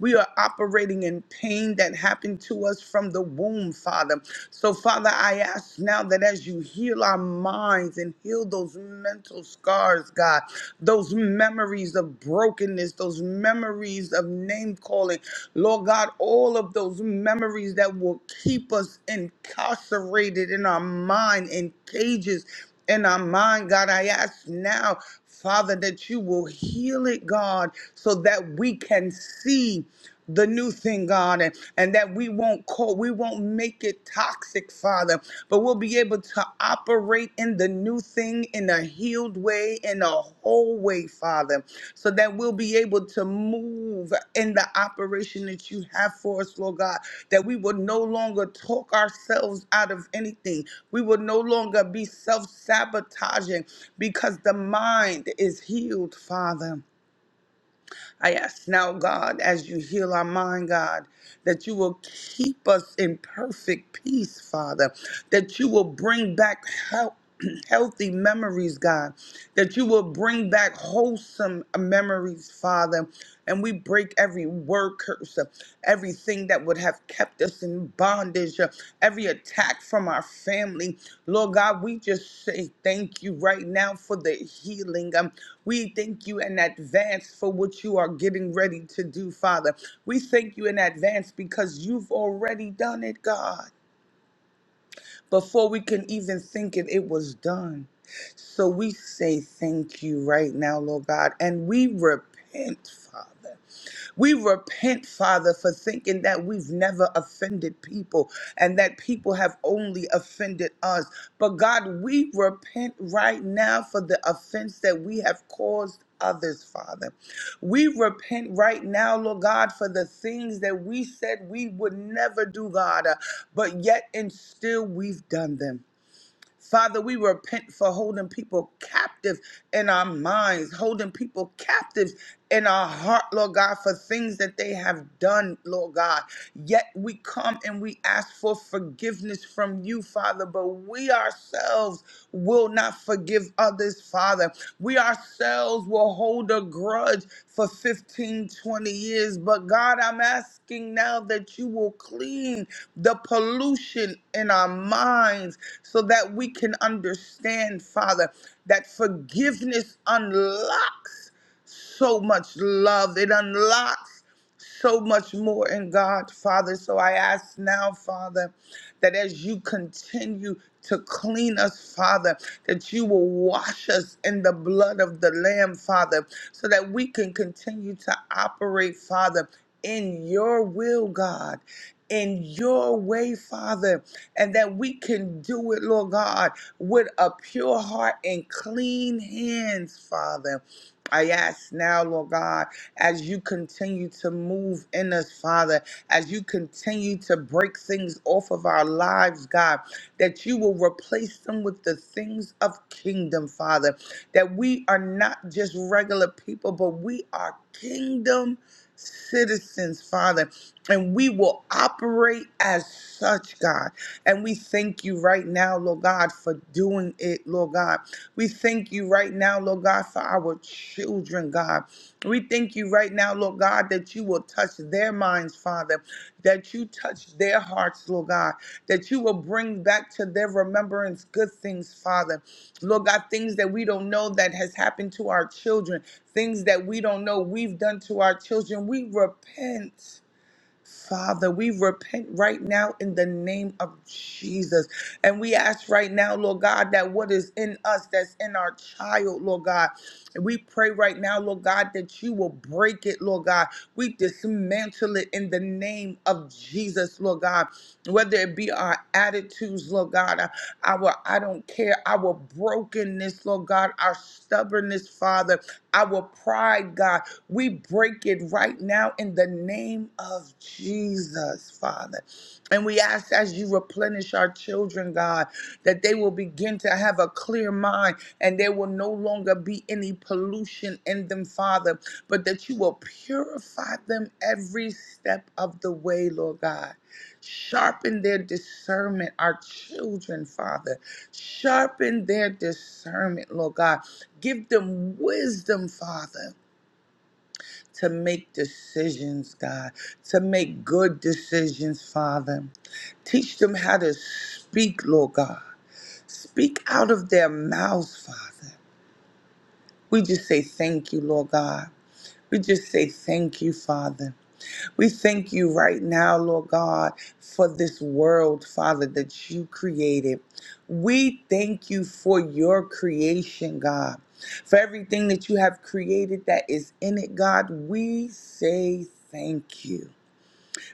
Speaker 2: We are operating in pain that happened to us from the womb, Father. So, Father, I ask now that as you heal our minds and heal those mental scars, God, those memories of brokenness, those memories of name calling, Lord God, all of those memories that will keep us incarcerated in our mind, in cages in our mind, God, I ask now. Father, that you will heal it, God, so that we can see the new thing, God, and, and that we won't call, we won't make it toxic, Father, but we'll be able to operate in the new thing in a healed way, in a whole way, Father, so that we'll be able to move in the operation that you have for us, Lord God, that we would no longer talk ourselves out of anything. We would no longer be self sabotaging because the mind is healed, Father. I ask now, God, as you heal our mind, God, that you will keep us in perfect peace, Father, that you will bring back help healthy memories, God, that you will bring back wholesome memories, Father. And we break every word curse, uh, everything that would have kept us in bondage, uh, every attack from our family. Lord God, we just say thank you right now for the healing. Um, we thank you in advance for what you are getting ready to do, Father. We thank you in advance because you've already done it, God. Before we can even think it, it was done. So we say thank you right now, Lord God, and we repent, Father. We repent, Father, for thinking that we've never offended people and that people have only offended us. But God, we repent right now for the offense that we have caused others, Father. We repent right now, Lord God, for the things that we said we would never do, God, uh, but yet and still we've done them. Father, we repent for holding people captive in our minds, holding people captive in our heart, Lord God, for things that they have done, Lord God. Yet we come and we ask for forgiveness from you, Father, but we ourselves will not forgive others is, Father. We ourselves will hold a grudge for 15, 20 years. But God, I'm asking now that you will clean the pollution in our minds so that we can understand, Father, that forgiveness unlocks so much love. It unlocks so much more in God, Father. So I ask now, Father that as you continue to clean us, Father, that you will wash us in the blood of the Lamb, Father, so that we can continue to operate, Father, in your will, God. In your way, Father, and that we can do it, Lord God, with a pure heart and clean hands, Father. I ask now, Lord God, as you continue to move in us, Father, as you continue to break things off of our lives, God, that you will replace them with the things of kingdom, Father, that we are not just regular people, but we are kingdom citizens, Father, and we will operate as such, God. And we thank you right now, Lord God, for doing it, Lord God. We thank you right now, Lord God, for our children, God. We thank you right now, Lord God, that you will touch their minds, Father, that you touch their hearts, Lord God, that you will bring back to their remembrance good things, Father. Lord God, things that we don't know that has happened to our children, things that we don't know we've done to our children. We repent. Father, we repent right now in the name of Jesus. And we ask right now, Lord God, that what is in us, that's in our child, Lord God. And we pray right now, Lord God, that you will break it, Lord God. We dismantle it in the name of Jesus, Lord God. Whether it be our attitudes, Lord God, our our I don't care, our brokenness, Lord God, our stubbornness, Father, our pride, God. We break it right now in the name of Jesus, Father. And we ask as you replenish our children, God, that they will begin to have a clear mind and there will no longer be any pollution in them, Father, but that you will purify them every step of the way, Lord God. Sharpen their discernment, our children, Father. Sharpen their discernment, Lord God. Give them wisdom, Father to make decisions, God, to make good decisions, Father. Teach them how to speak, Lord God. Speak out of their mouths, Father. We just say thank you, Lord God. We just say thank you, Father. We thank you right now, Lord God, for this world, Father, that you created. We thank you for your creation, God. For everything that you have created that is in it, God, we say thank you.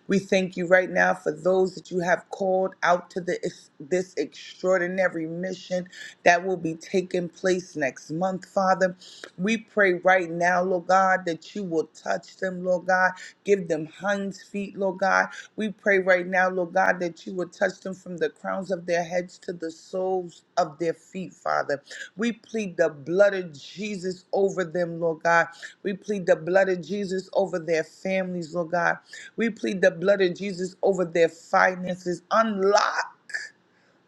Speaker 2: We thank you right now for those that you have called out to the, this extraordinary mission that will be taking place next month, Father. We pray right now, Lord God, that you will touch them, Lord God. Give them hinds feet, Lord God. We pray right now, Lord God, that you will touch them from the crowns of their heads to the soles of their feet, Father. We plead the blood of Jesus over them, Lord God. We plead the blood of Jesus over their families, Lord God. We plead the blood of Jesus over their finances. Unlock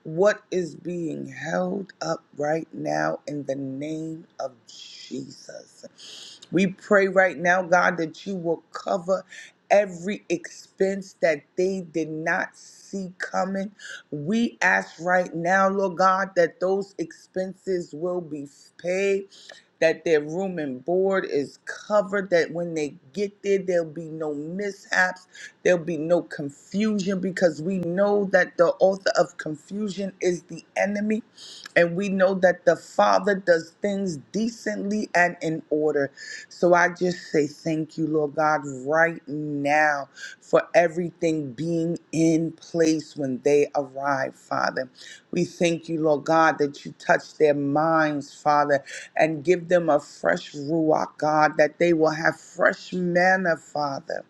Speaker 2: what is being held up right now in the name of Jesus. We pray right now, God, that you will cover every expense that they did not see coming. We ask right now, Lord God, that those expenses will be paid that their room and board is covered, that when they get there, there'll be no mishaps, there'll be no confusion, because we know that the author of confusion is the enemy, and we know that the Father does things decently and in order. So I just say thank you, Lord God, right now for everything being in place when they arrive, Father. We thank you, Lord God, that you touch their minds, Father, and give them a fresh ruach, God, that they will have fresh manna, Father,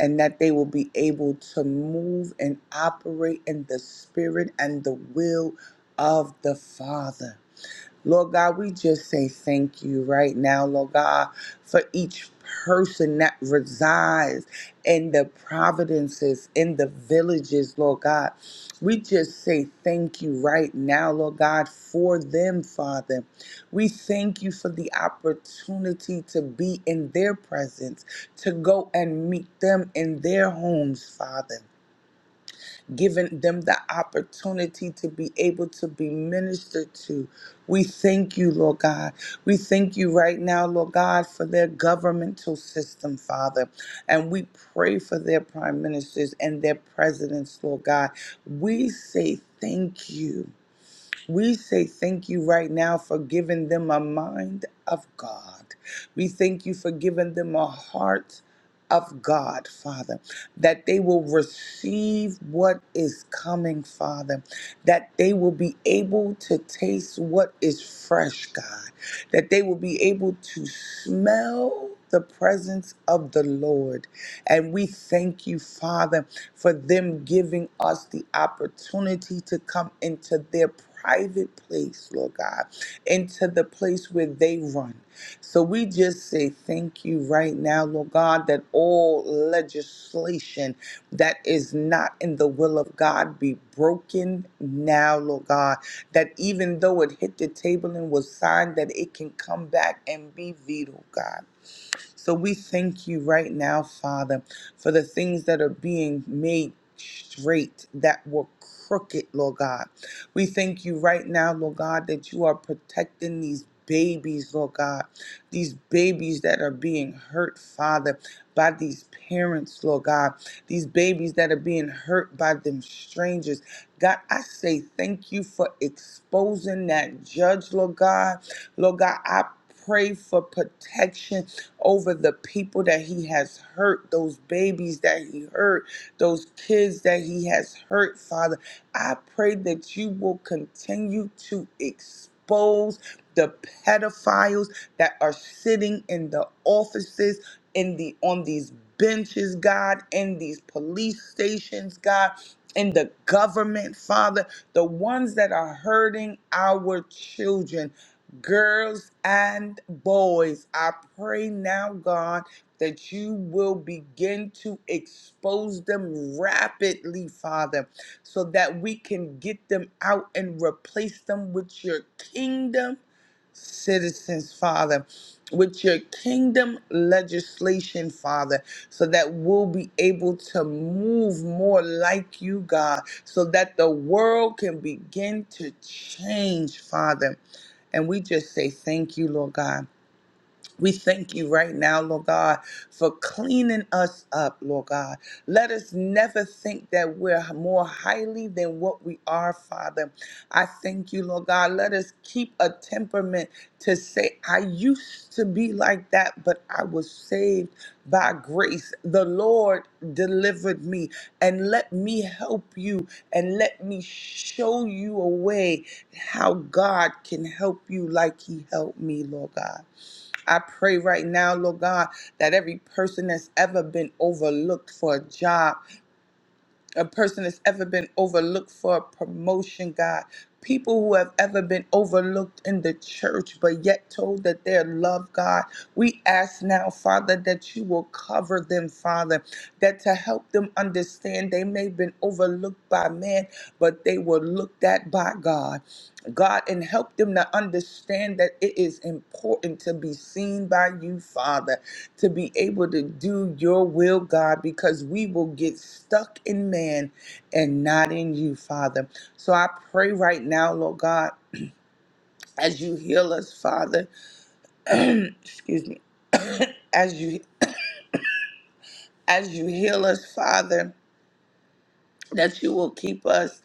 Speaker 2: and that they will be able to move and operate in the spirit and the will of the Father. Lord God, we just say thank you right now, Lord God, for each person that resides in the providences, in the villages, Lord God. We just say thank you right now, Lord God, for them, Father. We thank you for the opportunity to be in their presence, to go and meet them in their homes, Father giving them the opportunity to be able to be ministered to. We thank you, Lord God. We thank you right now, Lord God, for their governmental system, Father. And we pray for their prime ministers and their presidents, Lord God. We say thank you. We say thank you right now for giving them a mind of God. We thank you for giving them a heart of God, Father, that they will receive what is coming, Father, that they will be able to taste what is fresh, God, that they will be able to smell the presence of the Lord. And we thank you, Father, for them giving us the opportunity to come into their private place, Lord God, into the place where they run so we just say thank you right now, Lord God, that all legislation that is not in the will of God be broken now, Lord God, that even though it hit the table and was signed, that it can come back and be vetoed, God. So we thank you right now, Father, for the things that are being made straight that were crooked, Lord God. We thank you right now, Lord God, that you are protecting these babies, Lord God. These babies that are being hurt, Father, by these parents, Lord God. These babies that are being hurt by them strangers. God, I say thank you for exposing that judge, Lord God. Lord God, I pray for protection over the people that he has hurt, those babies that he hurt, those kids that he has hurt, Father. I pray that you will continue to expose the pedophiles that are sitting in the offices in the on these benches, God, in these police stations, God, in the government, Father, the ones that are hurting our children girls and boys. I pray now, God, that you will begin to expose them rapidly, Father, so that we can get them out and replace them with your kingdom citizens, Father, with your kingdom legislation, Father, so that we'll be able to move more like you, God, so that the world can begin to change, Father. And we just say thank you, Lord God. We thank you right now, Lord God, for cleaning us up, Lord God. Let us never think that we're more highly than what we are, Father. I thank you, Lord God. Let us keep a temperament to say, I used to be like that, but I was saved by grace. The Lord delivered me, and let me help you and let me show you a way how God can help you like He helped me, Lord God. I pray right now, Lord God, that every person that's ever been overlooked for a job, a person that's ever been overlooked for a promotion, God, people who have ever been overlooked in the church but yet told that they're loved, God, we ask now, Father, that you will cover them, Father, that to help them understand they may have been overlooked by man, but they were looked at by God. God, and help them to understand that it is important to be seen by you, Father, to be able to do your will, God, because we will get stuck in man and not in you, Father. So I pray right now, Lord God, as you heal us, Father, excuse me, as you as you heal us, Father, that you will keep us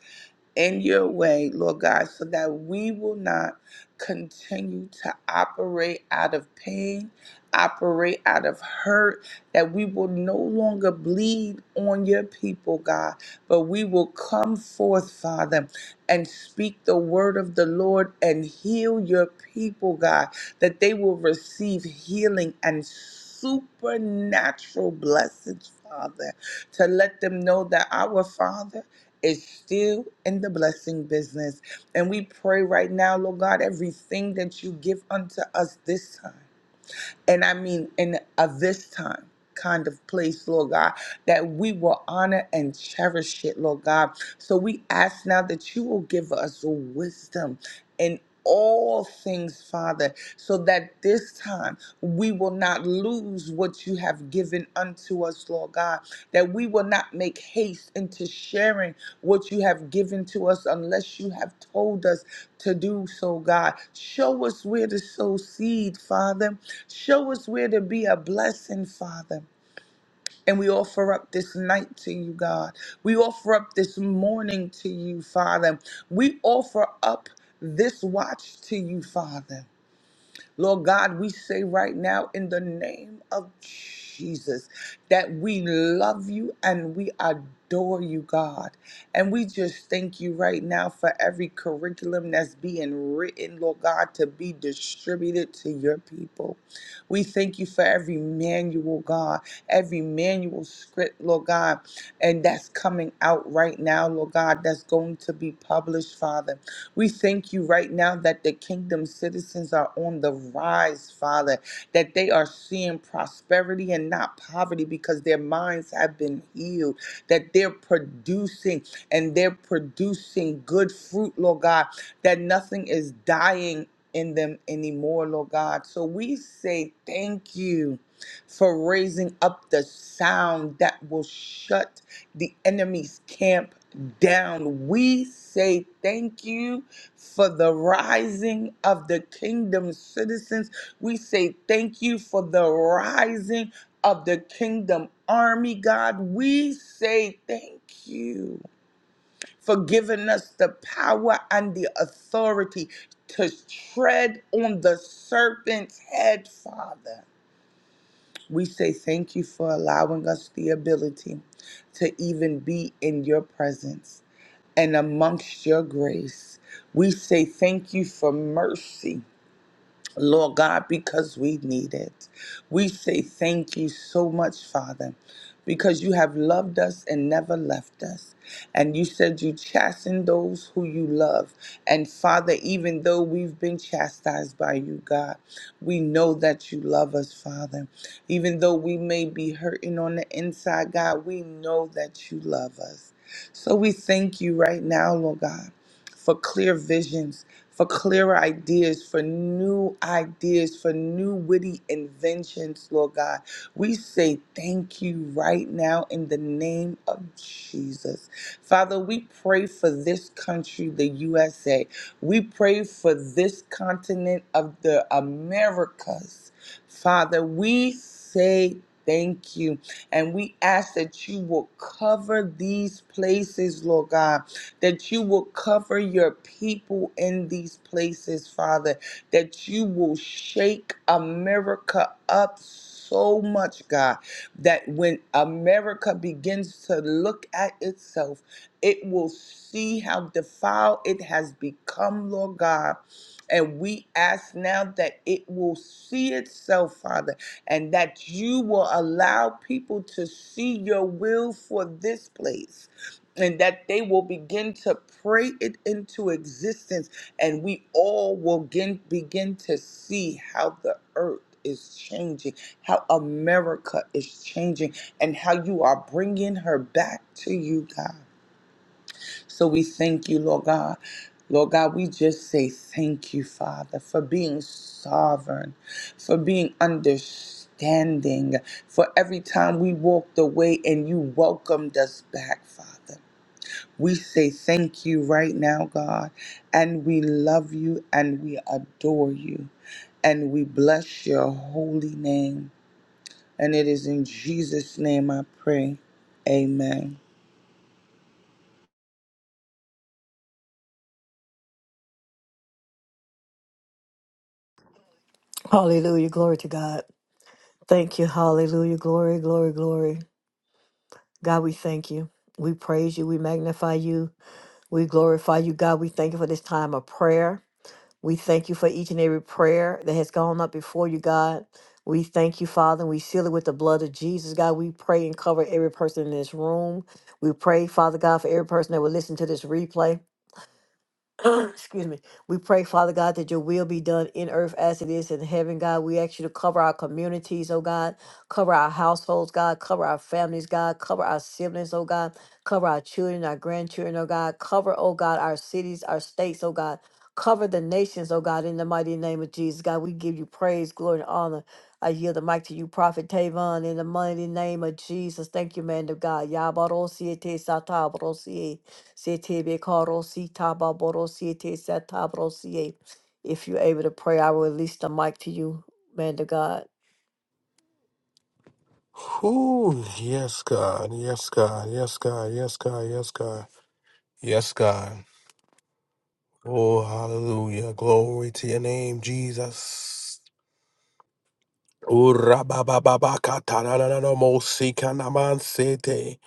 Speaker 2: in your way, Lord God, so that we will not continue to operate out of pain, operate out of hurt, that we will no longer bleed on your people, God, but we will come forth, Father, and speak the word of the Lord and heal your people, God, that they will receive healing and supernatural blessings, Father, to let them know that our Father is still in the blessing business. And we pray right now, Lord God, everything that you give unto us this time, and I mean in a this time kind of place, Lord God, that we will honor and cherish it, Lord God so we ask now that you will give us wisdom in all things, Father, so that this time we will not lose what you have given unto us, Lord God, that we will not make haste into sharing what you have given to us unless you have told us to do so, God. Show us where to sow seed, Father. Show us where to be a blessing, Father. And we offer up this night to you, God. We offer up this morning to you, Father. We offer up this watch to you, Father. Lord God, we say right now in the name of Jesus that we love you and we adore you, God. And we just thank you right now for every curriculum that's being written, Lord God, to be distributed to your people. We thank you for every manual, God, every manual script, Lord God, and that's coming out right now, Lord God, that's going to be published, Father. We thank you right now that the kingdom citizens are on the rise, Father, that they are seeing prosperity and not poverty because their minds have been healed, that they're producing and they're producing good fruit, Lord God, that nothing is dying in them anymore, Lord God. So we say thank you for raising up the sound that will shut the enemy's camp down. We say thank you for the rising of the kingdom citizens. We say thank you for the rising of the kingdom army, God. We say thank you for giving us the power and the authority to tread on the serpent's head, Father. We say thank you for allowing us the ability to even be in your presence and amongst your grace. We say thank you for mercy. Lord God, because we need it. We say thank you so much, Father, because you have loved us and never left us. And you said you chasten those who you love. And Father, even though we've been chastised by you, God, we know that you love us, Father. Even though we may be hurting on the inside, God, we know that you love us. So we thank you right now, Lord God, for clear visions for clearer ideas, for new ideas, for new witty inventions, Lord God. We say thank you right now in the name of Jesus. Father, we pray for this country, the USA. We pray for this continent of the Americas. Father, we say Thank you. And we ask that you will cover these places, Lord God that you will cover your people in these places, Father, that you will shake America up so much, God, that when America begins to look at itself, it will see how defiled it has become, Lord God. And we ask now that it will see itself, Father, and that you will allow people to see your will for this place and that they will begin to pray it into existence and we all will begin, begin to see how the earth is changing how america is changing and how you are bringing her back to you god so we thank you lord god Lord God, we just say thank you, Father, for being sovereign, for being understanding, for every time we walked away and you welcomed us back, Father. We say thank you right now, God, and we love you and we adore you and we bless your holy name. And it is in Jesus' name I pray. Amen.
Speaker 1: Hallelujah. Glory to God. Thank you. Hallelujah. Glory, glory, glory. God, we thank you. We praise you. We magnify you. We glorify you. God, we thank you for this time of prayer. We thank you for each and every prayer that has gone up before you, God. We thank you, Father, and we seal it with the blood of Jesus. God, we pray and cover every person in this room. We pray, Father God, for every person that will listen to this replay. Excuse me. We pray, Father God, that your will be done in earth as it is in heaven, God. We ask you to cover our communities, oh God. Cover our households, God. Cover our families, God. Cover our siblings, oh God. Cover our children, our grandchildren, oh God. Cover, oh God, our cities, our states, oh God. Cover the nations, oh God, in the mighty name of Jesus, God. We give you praise, glory, and honor. I yield the mic to you, Prophet Tavon, in the mighty name of Jesus. Thank you, man of God. Yabarosiete satabarosie. Setebe karosi tababorosi te setabrosi. If you're able to pray, I will release the mic to you, man to God.
Speaker 3: Whew, yes, God. Yes, God. Yes, God. Yes, God. Yes, God. Yes, God. Oh, hallelujah. Glory to your name, Jesus. Oh, rababababakatararararomosikanamansete.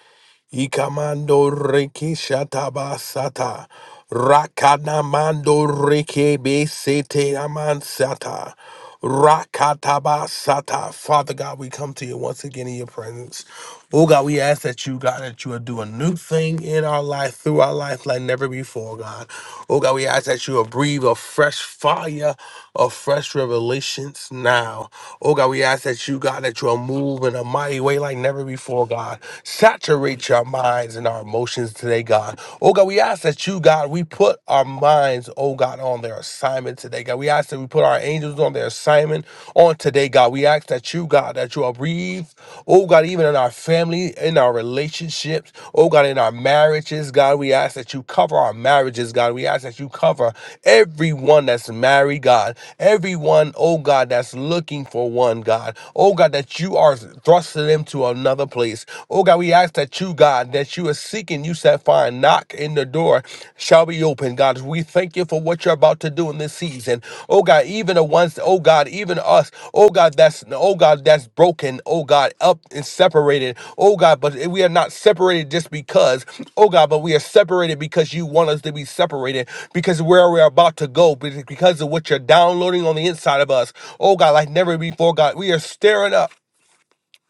Speaker 3: Ikamando reke shatabasata. Rakanamando reke besete amansata. Rakatabasata. Father God, we come to you once again in your presence. Oh God, we ask that you, God, that you would do a new thing in our life, through our life like never before, God. Oh God, we ask that you would breathe a fresh fire of fresh revelations now. Oh God, we ask that you, God, that you'll move in a mighty way like never before, God. Saturate your minds and our emotions today, God. Oh God, we ask that you, God, we put our minds, oh God, on their assignment today, God. We ask that we put our our angels on their assignment on today, God. We ask that you, God, that you are breathed, oh God, even in our family, in our relationships, oh God, in our marriages, God. We ask that you cover our marriages, God. We ask that you cover everyone that's married, God. Everyone, oh God, that's looking for one, God. Oh God, that you are thrusting them to another place. Oh God, we ask that you, God, that you are seeking, you said, find knock and the door shall be open. God, we thank you for what you're about to do in this season. Oh God, even the ones, oh God, even us, oh God, that's oh God, that's broken, oh God, up and separated. Oh God, but we are not separated just because, oh God, but we are separated because you want us to be separated, because where we're about to go, because of what you're downloading on the inside of us. Oh God, like never before, God, we are stirring up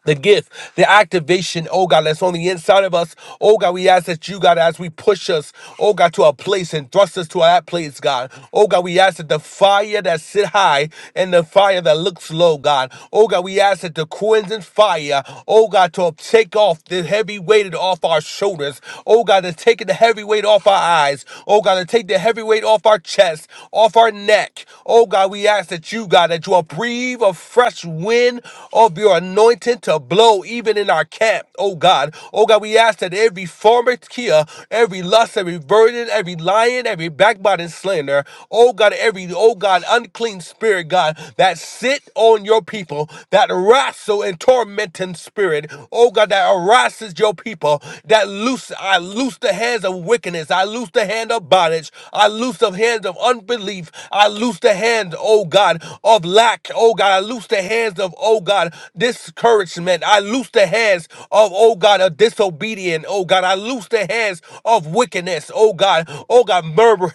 Speaker 3: the gift, the activation, oh God, that's on the inside of us. Oh God, we ask that you, God, as we push us, oh God, to our place and thrust us to that place, God. Oh God, we ask that the fire that sit high and the fire that looks low, God. Oh God, we ask that the cleansing fire, oh God, to take off the heavy weight off our shoulders. Oh God, to take the heavy weight off our eyes. Oh God, to take the heavy every weight off our chest, off our neck. Oh God, we ask that you, God, that you will breathe a fresh wind of your anointing to blow even in our camp. Oh God. Oh God, we ask that every former Kia, every lust, every burden, every lion, every backbiting slander, oh God, every, oh God, unclean spirit, God, that sit on your people, that wrestle and torment tormenting spirit, oh God, that harasses your people, that loose, I loose the hands of wickedness, I loose the hand of bondage, I loose the hands of unbelief, I loose the hands, oh God, of lack, oh God, I loose the hands of, oh God, discouragement, I loose the hands of, oh God, of disobedience, oh God, I loose the hands of wickedness, oh God, oh God, murder,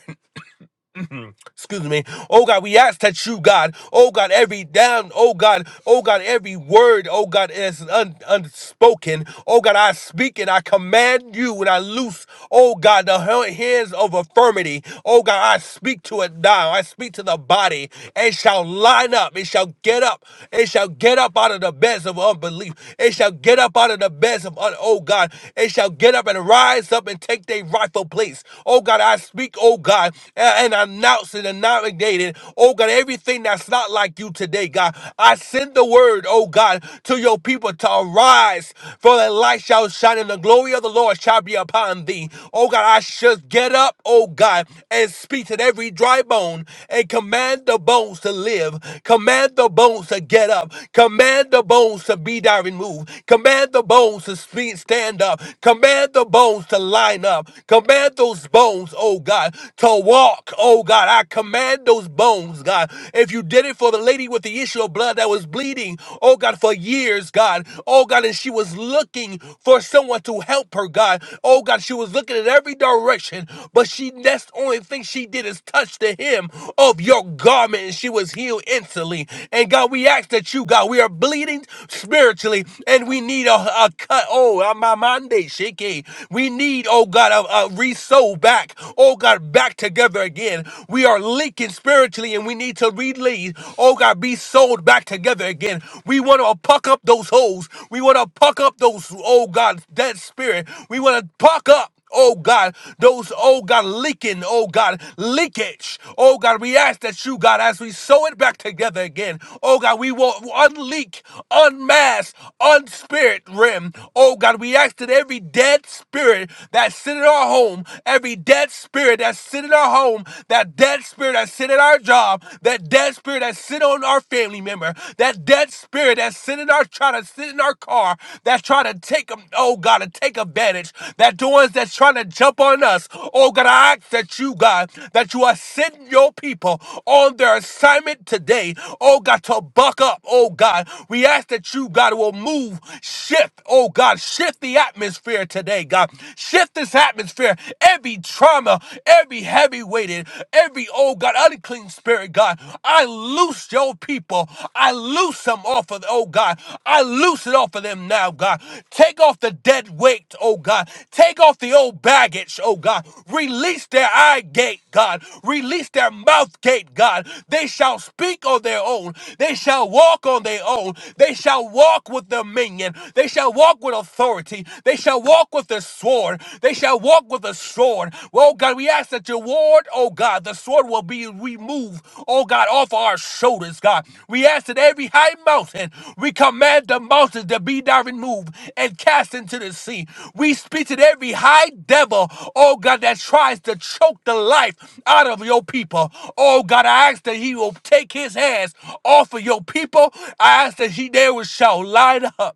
Speaker 3: Excuse me. Oh God, we ask that you, God, oh God, every down, oh God, oh God, every word, oh God, is un- unspoken. Oh God, I speak and I command you and I loose, oh God, the ha- hands of affirmity. Oh God, I speak to it now. I speak to the body. It shall line up. It shall get up. It shall get up out of the beds of unbelief. It shall get up out of the beds of, un- oh God, it shall get up and rise up and take their rightful place. Oh God, I speak, oh God and announce it and navigate it. Oh God, everything that's not like you today, God. I send the word, oh God, to your people to arise, for the light shall shine and the glory of the Lord shall be upon thee. Oh God, I should get up, oh God, and speak to every dry bone and command the bones to live. Command the bones to get up. Command the bones to be thy removed. Command the bones to speak, stand up. Command the bones to line up. Command those bones, oh God, to walk. Oh God, I command those bones, God. If you did it for the lady with the issue of blood that was bleeding, oh God, for years, God. Oh God, and she was looking for someone to help her, God. Oh God, she was looking in every direction, but she that's the only thing she did is touch the hem of your garment, and she was healed instantly. And God, we ask that you, God, we are bleeding spiritually, and we need a, a cut. Oh, my Monday, shaky. We need, oh God, God, resow back. Oh God, back together again. We are linking spiritually and we need to relead. Oh God, be sold back together again. We want to puck up those holes. We want to puck up those, oh God, that spirit. We want to puck up. Oh God, those, oh God, leaking, oh God, leakage. Oh God, we ask that you, God, as we sew it back together again, oh God, we will unleak, unmask, unspirit rim. Oh God, we ask that every dead spirit spirit that's sitting in our home, every dead spirit that's sitting in our home, that dead spirit that's sitting in our job, that dead spirit that's sitting on our family member, that dead spirit that's sitting in our trying to sit in our car, that's trying to take them, oh God, to take advantage, that the ones that's trying to jump on us, oh God, I ask that you, God, that you are sending your people on their assignment today, oh God, to buck up, oh God. We ask that you, God, will move, shift, oh God, shift the atmosphere atmosphere today, God. Shift this atmosphere. Every trauma, every heavy weighted, every, oh God, unclean spirit, God. I loose your people. I loose them off of, oh God. I loose it off of them now, God. Take off the dead weight, oh God. Take off the old baggage, oh God. Release their eye gate, God. Release their mouth gate, God. They shall speak on their own. They shall walk on their own. They shall walk with dominion. They shall walk with walk with authority. They shall walk with the sword. They shall walk with the sword. Well, God, we ask that your word, oh God, the sword will be removed, oh God, off our shoulders, God. We ask that every high mountain, we command the mountains to be now removed and cast into the sea. We speak to every high devil, oh God, that tries to choke the life out of your people. Oh God, I ask that he will take his hands off of your people. I ask that he there shall line up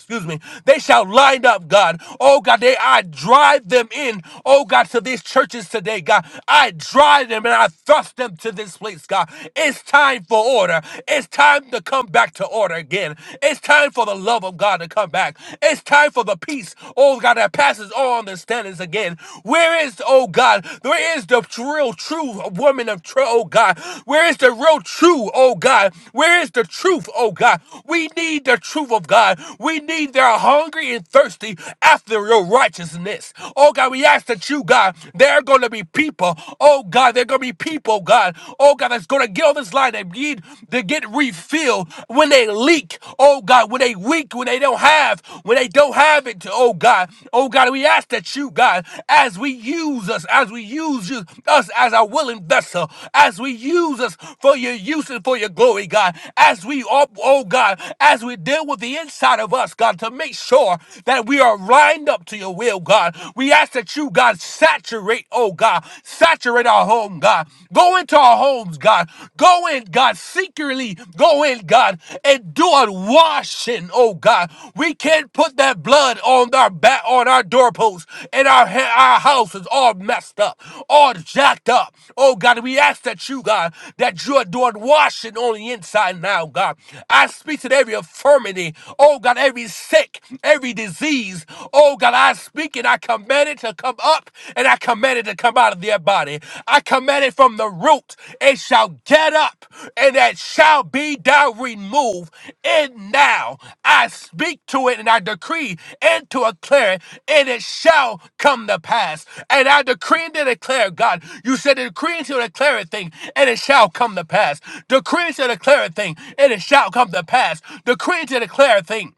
Speaker 3: excuse me, they shall line up, God. Oh God, they I drive them in. Oh God, to these churches today, God. I drive them and I thrust them to this place, God. It's time for order. It's time to come back to order again. It's time for the love of God to come back. It's time for the peace, oh God, that passes all understandings again. Where is, oh God, where is the real true woman of truth, oh God? Where is the real true, oh God? Where is the truth, oh God? We need the truth of God. We every need. They are hungry and thirsty after your righteousness. Oh God, we ask that you, God, there are going to be people. Oh God, there are going to be people, God. Oh God, that's going to get on this line. They need to get refilled when they leak. Oh God, when they weak, when they don't have, when they don't have it. Oh God, oh God, we ask that you, God, as we use us, as we use you, us as our willing vessel, as we use us for your use and for your glory, God, as we, oh, oh God, as we deal with the inside of us us, God, to make sure that we are lined up to your will, God. We ask that you, God, saturate, oh God, saturate our home, God. Go into our homes, God. Go in, God, secretly. Go in, God, and do a washing, oh God. We can't put that blood on our back, on our doorposts, and our ha- our house is all messed up, all jacked up. Oh God, we ask that you, God, that you are doing washing on the inside now, God. I speak to every infirmity, oh God down every sick, every disease. Oh God, I speak it. I command it to come up and I command it to come out of their body. I command it from the root. It shall get up and it shall be thou removed. And now I speak to it and I decree and to declare, and it shall come to pass. And I decree and to declare, God, you said to decree and to declare a thing, and it shall come to pass. Decree and to declare a thing, and it shall come to pass. Decree and to declare a thing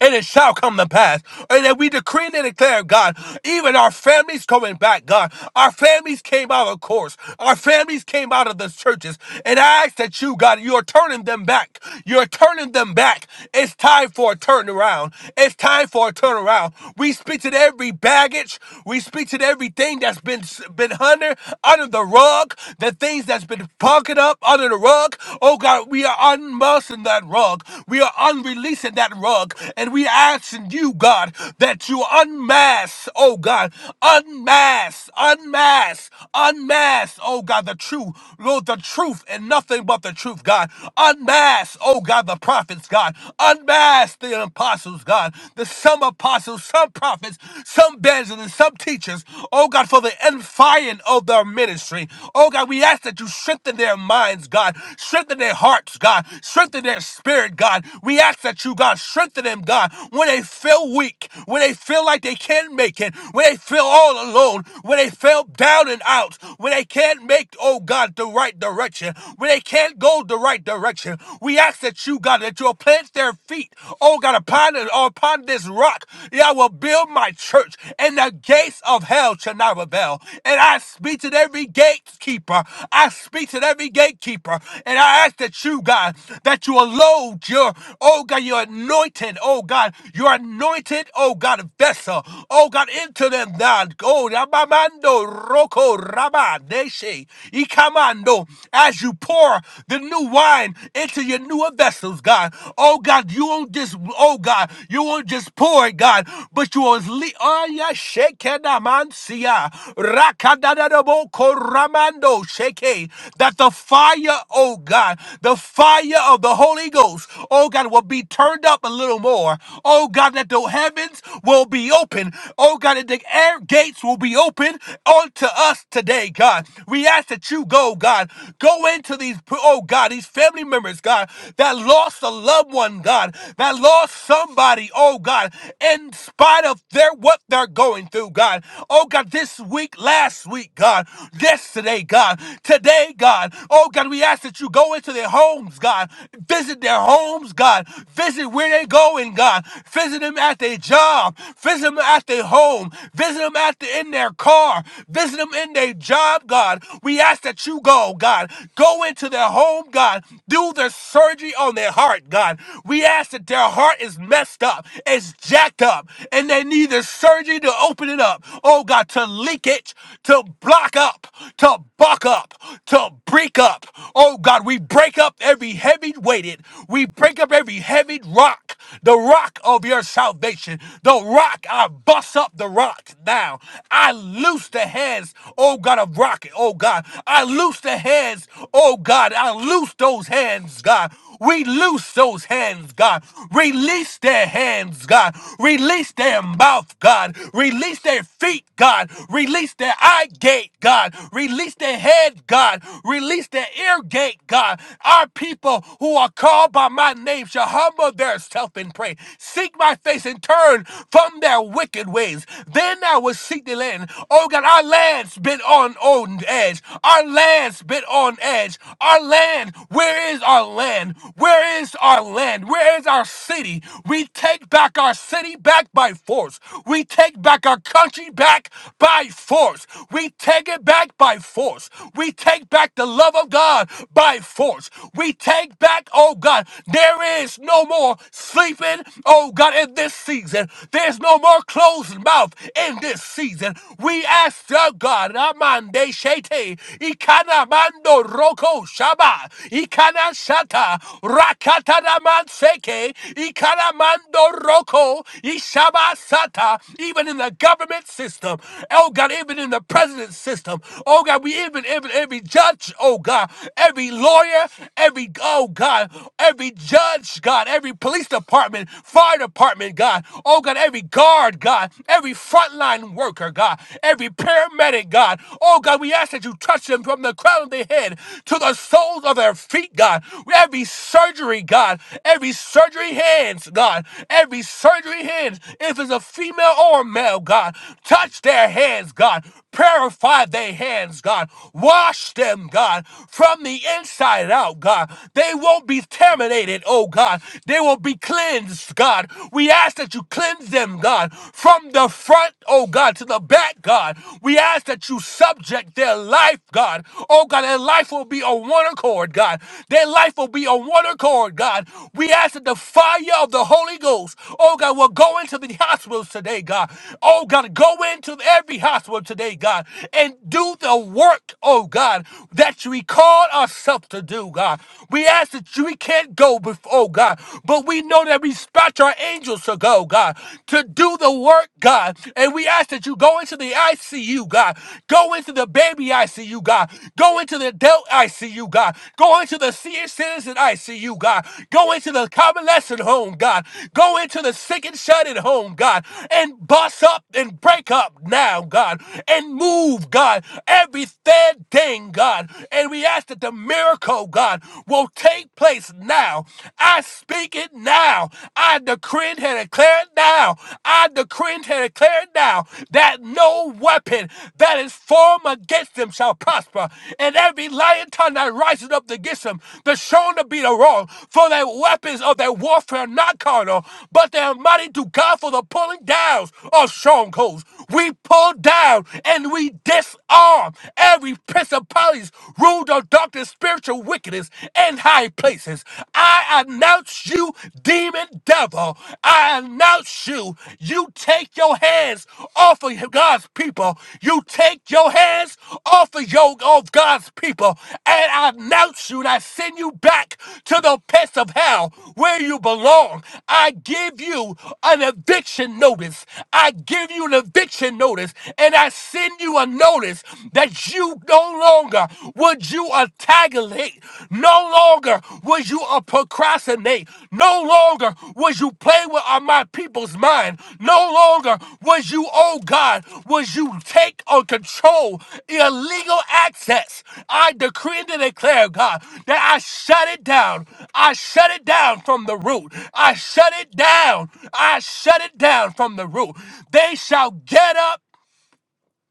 Speaker 3: and it shall come to pass. And that we decree and declare, God, even our families coming back, God. Our families came out of course. Our families came out of the churches. And I ask that you, God, you are turning them back. You're turning them back. It's time for a turnaround. It's time for a turnaround. We speak to every baggage. We speak to everything that's been been under under the rug. The things that's been pocket up under the rug. Oh God, we are unmussing that rug. We are unreleasing that that rug. And we asking you, God, that you unmask, oh God, unmask, unmask, unmask, oh God, the truth, Lord, the truth and nothing but the truth, God. Unmask, oh God, the prophets, God. Unmask the apostles, God. The some apostles, some prophets, some evangelists, some teachers, oh God, for the unfiring of their ministry. Oh God, we ask that you strengthen their minds, God. Strengthen their hearts, God. Strengthen their spirit, God. We ask ask that you, God, strengthen them, God, when they feel weak, when they feel like they can't make it, when they feel all alone, when they feel down and out, when they can't make, oh God, the right direction, when they can't go the right direction. We ask that you, God, that you'll plant their feet, oh God, upon, it- upon this rock. Yeah, I will build my church, and the gates of hell shall not rebel. And I speak to every gatekeeper, I speak to every gatekeeper, and I ask that you, God, that you alone. You're, oh God, you're anointed, oh God. You're anointed, oh God, vessel, oh God, into them, God. Go, Rabamando, Roko, Rabba, Deshe, Ikamando, as you pour the new wine into your newer vessels, God. Oh God, you won't just, oh God, you won't just pour it, God, but you will, le- oh yeah, Shekedamansia, Rakadadadabo, Koramando, Sheke, that the fire, oh God, the fire of the Holy Holy Ghost, oh God, will be turned up a little more. Oh God, that the heavens will be open. Oh God, that the air gates will be open unto us today, God. We ask that you go, God. Go into these, oh God, these family members, God, that lost a loved one, God, that lost somebody, oh God, in spite of their what they're going through, God. Oh God, this week, last week, God, yesterday, God, today, God. Oh God, we ask that you go into their homes, God. God. Visit their homes, God. Visit where they going, God. Visit them at their job. Visit them at their home. Visit them at the, in their car. Visit them in their job, God. We ask that you go, God. Go into their home, God. Do the surgery on their heart, God. We ask that their heart is messed up. It's jacked up. And they need the surgery to open it up. Oh God, to leakage, to block up, to buck up, to break up. Oh God, we break break up every heavy weighted, we break up every heavy rock, the rock of your salvation, the rock. I bust up the rock now. I loose the hands, oh God, of rocket, oh God. I loose the hands, oh God. I loose those hands, God. We loose those hands, God. Release their hands, God. Release their mouth, God. Release their feet, God. Release their eye gate, God. Release their head, God. Release their ear gate, God. Our people who are called by my name shall humble themselves and pray. Seek my face and turn from their wicked ways. Then I will seek the land. Oh God, our land's been on on edge. Our land's been on edge pledge. Our land, where is our land? Where is our land? Where is our city? We take back our city back by force. We take back our country back by force. We take it back by force. We take back the love of God by force. We take back, oh God, there is no more sleeping, oh God, in this season. There's no more closed mouth in this season. We ask, oh God, shete ikana mando roko shaba ikana shata rakata da manseke ikana mando roko ishaba sata even in the government system oh God even in the president system oh God we even even every judge oh God every lawyer every oh God every judge God every police department fire department God oh God every guard God every frontline worker doctor, God, every paramedic, God. Oh, God, we ask that you touch them from the crown of their head to the soles of their feet, God. Every surgery, God, every surgery hands, God, every surgery hands, if it's a female or a male, God, touch their hands, God. Purify their hands, God. Wash them, God, from the inside out, God. They won't be contaminated, oh God. They will be cleansed, God. We ask that you cleanse them, them, God, from the front, oh God, to the back, God. We ask that you subject their life, God. Oh God, their life will be on one accord, God. Their life will be on one accord, God. We ask that the fire of the Holy Ghost, oh God, will go into the hospitals today, God. Oh God, go into every hospital today, God, and do the work, oh God, that we called ourselves to do, God. We ask that you, we can't go before, oh God, but we know that Lord, that we dispatch our angels to go, God, to do the work, God. And we ask that you go into the ICU, God. Go into the baby ICU, God. Go into the adult ICU, God. Go into the senior citizen ICU, God. Go into the convalescent home, God. Go into the sick and shut in home, God. And bust up and break up now, God. And move, God, every third thing, God. And we ask that the miracle, God, will take place place now. I speak it now. I decree and declare it now. I decree and declare it now that no weapon that is formed against them shall prosper, and every lion tongue that rises up against them, the shown to be the wrong. For their weapons of their warfare are not carnal, but they are mighty to God for the pulling downs of strongholds. We pull down and we disarm every principalities, ruled authority darkness, spiritual wickedness, and high places. I announce you, demon devil. I announce you. You take your hands off of God's people. You take your hands off of your of God's people. And I announce you and I send you back to the pits of hell where you belong. I give you an eviction notice. I give you an eviction notice and I send you a notice that you no longer would you antagonate, no longer would you uh, procrastinate, no longer would you play with uh, my people's mind, no longer would you, oh God, would you take or control illegal access. I decree and declare, God, that I shut it down. I shut it down from the root. I shut it down. I shut it down from the root. They shall get up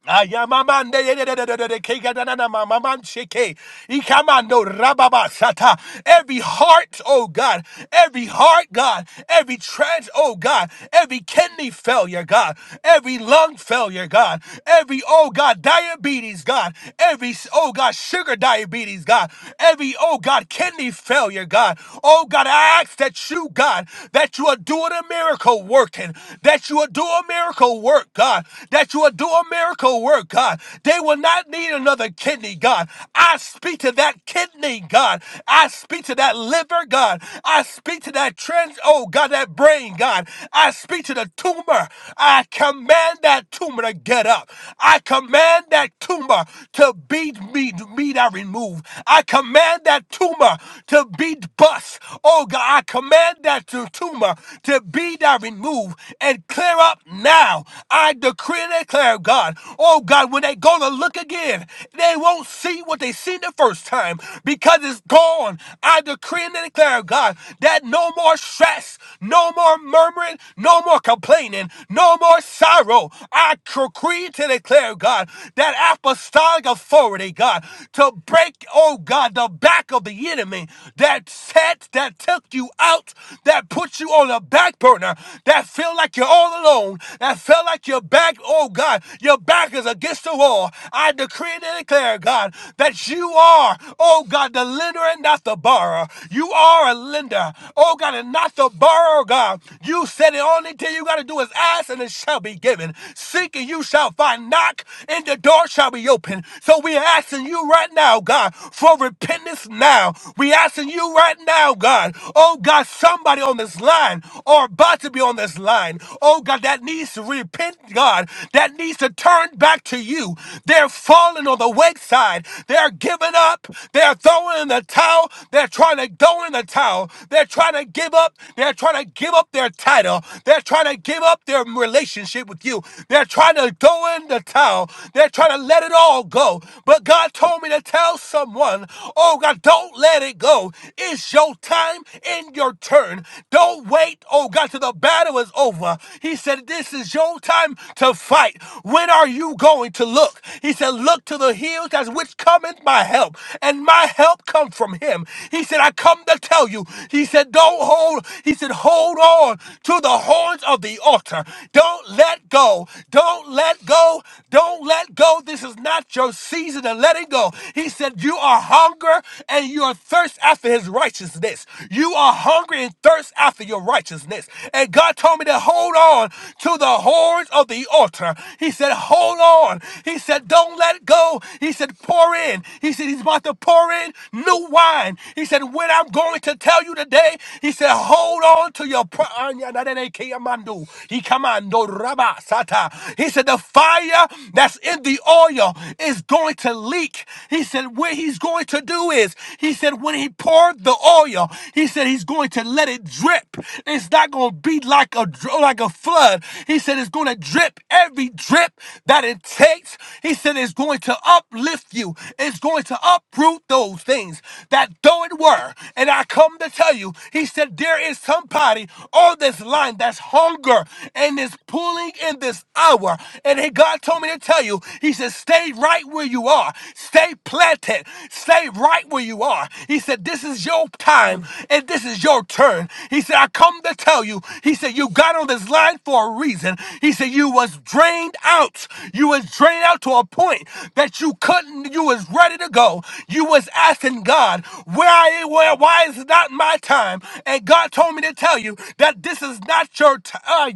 Speaker 3: Ayamamande yededededede kegadadana mamaman sheke. Ikamando rababa sata. Every heart, oh God, every heart, God, every trans, oh God, every kidney failure, God, every lung failure, God, every, oh God, diabetes, God, every, oh God, sugar diabetes, God, every, oh God, kidney failure, God, oh God, I ask that you, God, that you are doing a miracle working, that you are doing a miracle work, God, that you are doing a miracle miracle work, God. They will not need another kidney, God. I speak to that kidney, God. I speak to that liver, God. I speak to that trans, oh God, that brain, God. I speak to the tumor. I command that tumor to get up. I command that tumor to be me, me that removed. I command that tumor to be bust. Oh God, I command that tu- tumor to be that removed and clear up now. I decree and declare declare, God, oh God, when they go to look again, they won't see what they seen the first time because it's gone. I decree and declare, God, that no more stress, no more murmuring, no more complaining, no more sorrow. I decree to declare, God, that apostolic authority, God, to break, oh God, the back of the enemy that set, that took you out, that put you on the back burner, that feel like you're all alone, that felt like you're back, oh oh God, your back is against the wall. I decree and declare, God, that you are, oh God, the lender and not the borrower. You are a lender, oh God, and not the borrower, God. You said the only thing you got to do is ask and it shall be given. Seek and you shall find. Knock and the door shall be open. So we are asking you right now, God, for repentance now. We asking you right now, God. Oh God, somebody on this line or about to be on this line. Oh God, that needs to repent, God. God, that needs to turn back to you. They're falling on the wayside. They're giving up. They're throwing in the towel. They're trying to throw in the towel. They're trying to give up. They're trying to give up their title. They're trying to give up their relationship with you. They're trying to throw in the towel. They're trying to let it all go. But God told me to tell someone, oh God, don't let it go. It's your time and your turn. Don't wait, oh God, till the battle is over. He said, This is your time time to fight. When are you going to look? He said, Look to the hills as which cometh my help, and my help come from him. He said, I come to tell you. He said, Don't hold, he said, hold on to the horns of the altar. Don't let go. Don't let go. Don't let go. This is not your season of letting go. He said, You are hunger and you are thirst after his righteousness. You are hungry and thirst after your righteousness. And God told me to hold on to the horns horns of the altar. He said, Hold on. He said, Don't let it go. He said, Pour in. He said, He's about to pour in new wine. He said, When I'm going to tell you today, he said, Hold on to your. Pro- Anya na dene ke amando. He commando raba sata. He said, The fire that's in the oil is going to leak. He said, What he's going to do is, he said, When he poured the oil, he said, He's going to let it drip. It's not going to be like a, dr- like a flood. He said, said it's going to drip every drip that it takes. He said it's going to uplift you. It's going to uproot those things that though it were. And I come to tell you, he said there is somebody on this line that's hunger and is pulling in this hour. And he, God told me to tell you, he said, stay right where you are. Stay planted. Stay right where you are. He said, this is your time and this is your turn. He said, I come to tell you, he said, you got on this line for a reason reason. He said you was drained out. You was drained out to a point that you couldn't. You was ready to go. You was asking God, where I where why is it not my time? And God told me to tell you that this is not your time.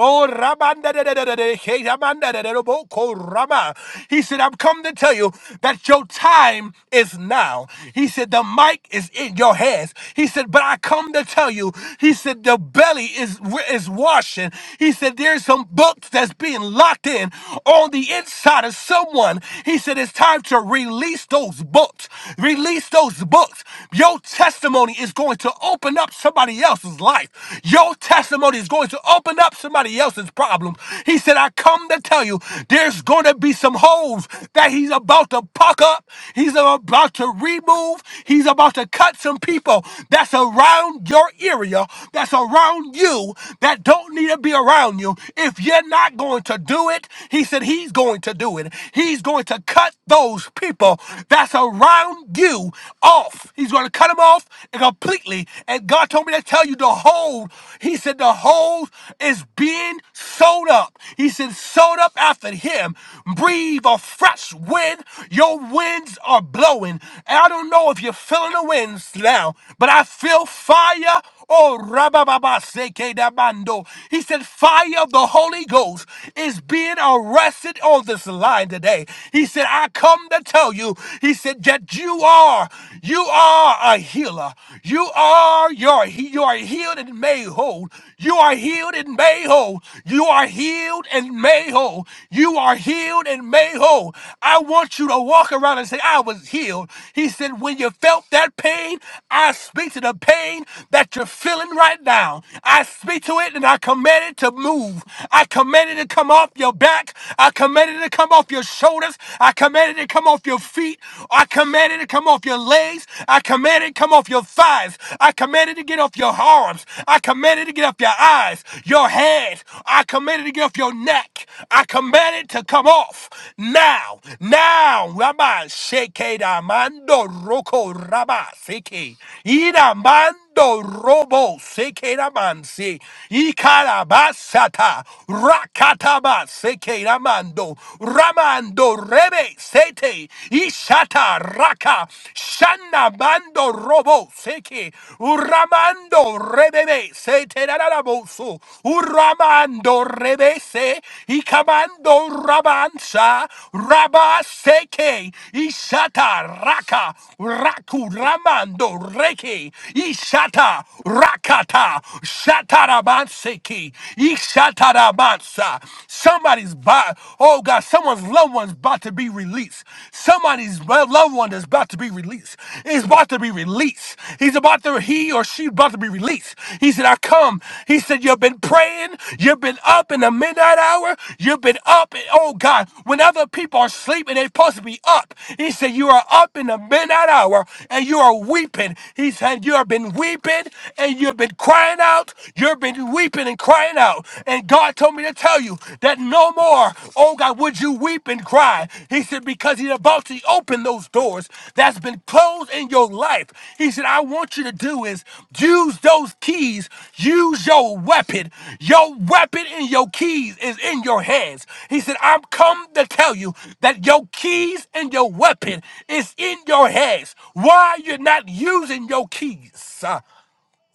Speaker 3: Oh, rabanda da da da da da, hey, rabanda da da da, bo- rama. He said, I'm come to tell you that your time is now. He said, the mic is in your hands. He said, but I come to tell you, he said, the belly is is washing, he said there's some books that's being locked in on the inside of someone. He said it's time to release those books. Release those books. Your testimony is going to open up somebody else's life. Your testimony is going to open up somebody else's problem. He said, I come to tell you there's going to be some holes that he's about to puck up. He's about to remove. He's about to cut some people that's around your area, that's around you around you that don't need to be around you. If you're not going to do it, he said he's going to do it. He's going to cut those people that's around you off. He's going to cut them off completely. And God told me to tell you the whole, he said the whole is being sewed up. He said, sewed up after him. Breathe a fresh wind. Your winds are blowing. And I don't know if you're feeling the winds now, but I feel fire Oh, Rabababa Seke Damando. He said, Fire of the Holy Ghost is being arrested on this line today. He said, I come to tell you, he said, that you are, you are a healer. You are your you are healed and made whole. You are healed and made whole. You are healed and made whole. You are healed and made whole. I want you to walk around and say, I was healed. He said, When you felt that pain, I speak to the pain that you that you're feeling right now, I speak to it and I command it to move. I command it to come off your back. I command it to come off your shoulders. I command it to come off your feet. I command it to come off your legs. I command it to come off your thighs. I command it to get off your arms. I command it to get off your eyes, your hands. I command it to get off your neck. I command it to come off now. Now, Rabbi Sheke Damando Roko Rabbi Seke. Mando robo sekeramansi. Ikarabasata. Rakataba sekeramando. Ramando rebe sete. Ishata raka. Shana bando robo seke. Uramando rebebe sete raraboso. Uramando rebese. Ikamando rabansa. Rabaseke. Ishata raka. Raku ramando reke. Shata Rakata Shatarabanseki Ishataramasa. Somebody's by oh God, someone's loved one's about to be released. Somebody's loved one is about to be released. Is about to be released. He's about to he or she's about to be released. He said, I come. He said, You've been praying, you've been up in the midnight hour, you've been up and oh God, when other people are sleeping, they're supposed to be up. He said, You are up in the midnight hour and you are weeping. He said, You have been weeping weeping and you've been crying out. You've been weeping and crying out. And God told me to tell you that no more, oh God, would you weep and cry. He said, because he's about to open those doors that's been closed in your life. He said, I want you to do is use those keys, use your weapon. Your weapon and your keys is in your hands. He said, I'm come to tell you that your keys and your weapon is in your hands. Why you're not using your keys?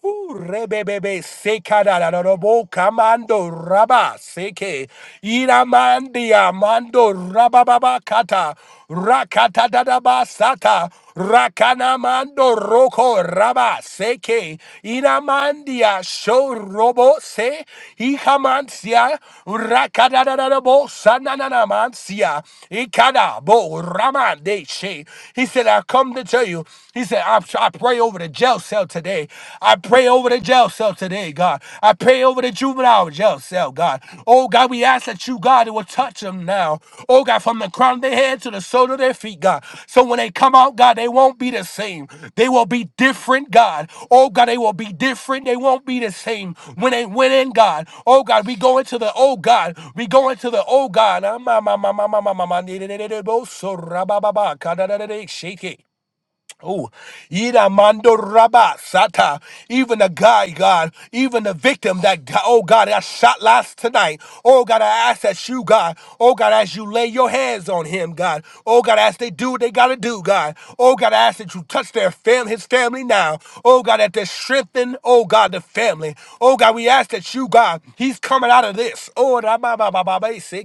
Speaker 3: Ooh, Rebebebe sekadadadadobo kamando raba seke iramandia mando rabababa kata rakata dadaba sata rakana mando roko raba seke iramandia show robo se ikamansia rakada dadadabo sananana mansia ikada bo ramande she he said I come to tell you he said I, I pray pray over the jail cell today. I pray over the jail cell today, God. I pray over the juvenile jail cell, God. Oh, God, we ask that you, God, will touch them now. Oh, God, from the crown of their head to the sole of their feet, God. So when they come out, God, they won't be the same. They will be different, God. Oh, God, they will be different. They won't be the same when they went in, God. Oh, God, we go into the, oh, God, we go into the, oh, God. Ah, ma, ma, ma, ma, ma, ma, ma, ma, ni, ni, ni, ni, ni, bo, so, ra, ba, ba, ba, ka, da, da, da, da, Shake it. Oh, Ida Rabba Sata, even the guy, God, even the victim that, oh God, that shot last tonight. Oh God, I ask that you, God, oh God, as you lay your hands on him, God, oh God, as they do what they gotta do, God, oh God, I ask that you touch their fam, his family now, oh God, that they strengthen, oh God, the family, oh God, we ask that you, God, he's coming out of this, oh,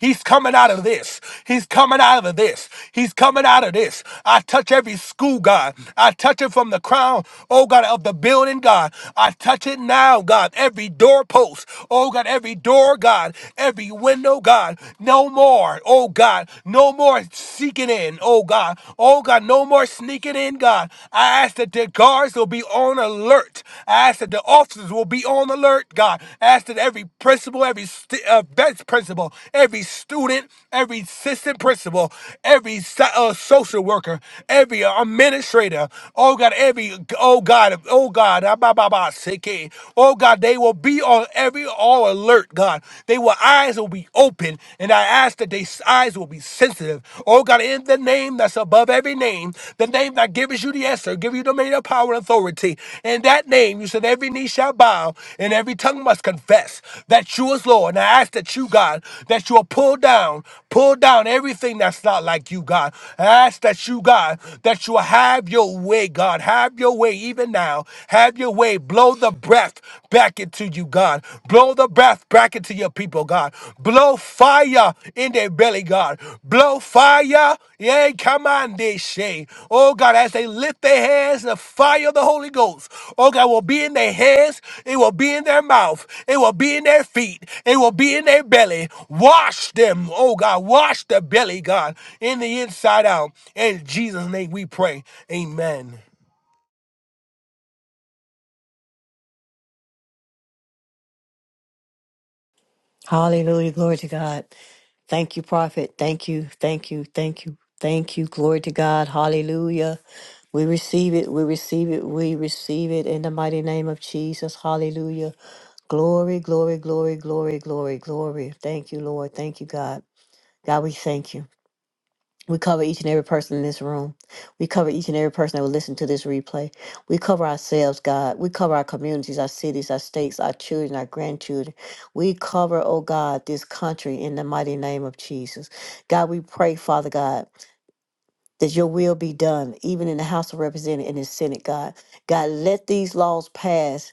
Speaker 3: He's coming out of this. He's coming out of this. He's coming out of this. I touch every school, God. I touch it from the crown, oh God, of the building, God. I touch it now, God. Every doorpost, oh God, every door, God, every window, God. No more, oh God, no more seeking in, oh God. Oh God, no more sneaking in, God. I ask that the guards will be on alert church. I ask that the officers will be on alert, God. I ask that every principal, every st- uh, best principal, every student, every assistant principal, every so- uh, social worker, every uh, administrator, oh God, every, oh God, oh God, ah, bah, bah, bah, sick, eh. oh God, they will be on every, all alert, God. They will, eyes will be open, and I ask that their eyes will be sensitive. Oh God, in in the name that's above every name, the name that gives you the answer, give you dominion, power, and authority. In that name, you said every knee shall bow and every tongue must confess that you is Lord. And I ask that you, God, that you will pull down, pull down everything that's not like you, God. I ask that you, God, that you will have your way, God. Have your way even now. Have your way. Blow the breath back into you, God. Blow the breath back into your people, God. Blow fire in their belly, God. Blow fire. yeah, come on, they say. Oh, God, as they lift their hands, the fire of the Holy Ghost, oh, God, will be in their hands. It will be in their mouth. It will be in their feet. It will be in their belly. Wash them, oh, God. Wash the belly, God, in the inside out. In Jesus' name we pray. Amen.
Speaker 1: Hallelujah. Glory to God. Thank you, prophet. Thank you. Thank you. Thank you. Thank you. Glory to God. Hallelujah. We receive it. We receive it. We receive it in the mighty name of Jesus. Hallelujah. Glory, glory, glory, glory, glory, glory. Thank you, Lord. Thank you, God. God, we thank you. We cover each and every person in this room. We cover each and every person that will listen to this replay. We cover ourselves, God. We cover our communities, our cities, our states, our children, our grandchildren. We cover, oh God, this country in the mighty name of Jesus. God, we pray, Father God, that your will be done, even in the House of Representatives and the Senate, God. God, let these laws pass.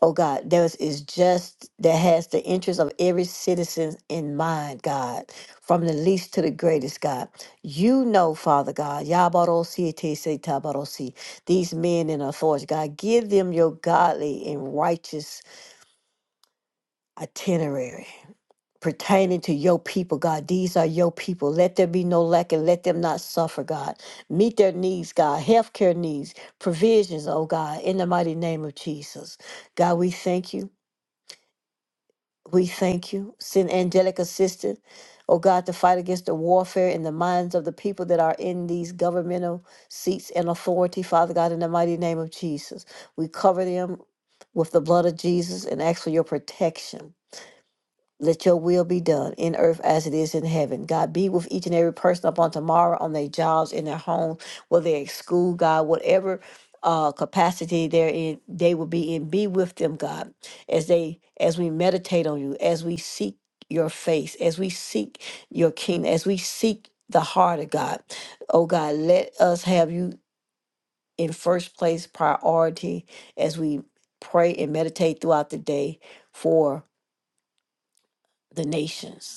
Speaker 1: Oh God, there is, is just that has the interest of every citizen in mind, God, from the least to the greatest, God. You know, Father God, Yabarosi Tese Tabarosi, these men in authority, God, give them your godly and righteous itinerary pertaining to your people, God. These are your people. Let there be no lack and let them not suffer, God. Meet their needs, God, healthcare needs, provisions, oh God, in the mighty name of Jesus. God, we thank you. We thank you. Send angelic assistance, oh God, to fight against the warfare in the minds of the people that are in these governmental seats and authority, Father God, in the mighty name of Jesus. We cover them with the blood of Jesus and ask for your protection. Let your will be done in earth as it is in heaven. God, be with each and every person up on tomorrow, on their jobs, in their homes, whether they're at school, God, whatever uh, capacity they're in, they will be in. Be with them, God, as they as we meditate on you, as we seek your face, as we seek your kingdom, as we seek the heart of God. Oh God, let us have you in first place priority as we pray and meditate throughout the day for the nations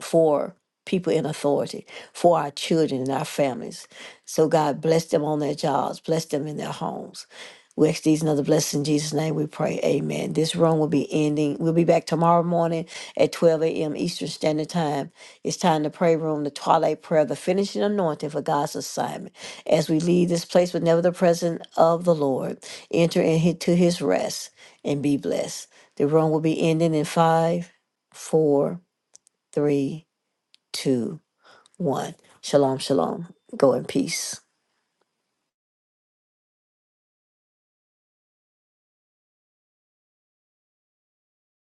Speaker 1: for people in authority, for our children and our families. So God bless them on their jobs, bless them in their homes. We ask these and other blessings in Jesus' name. We pray. Amen. This room will be ending. We'll be back tomorrow morning at 12 a.m. Eastern Standard Time. It's time to pray room, the twilight prayer, the finishing anointing for God's assignment. As we leave this place, but never the presence of the Lord, enter into his rest and be blessed. The room will be ending in five, four, three, two, one. Shalom, shalom. Go in peace.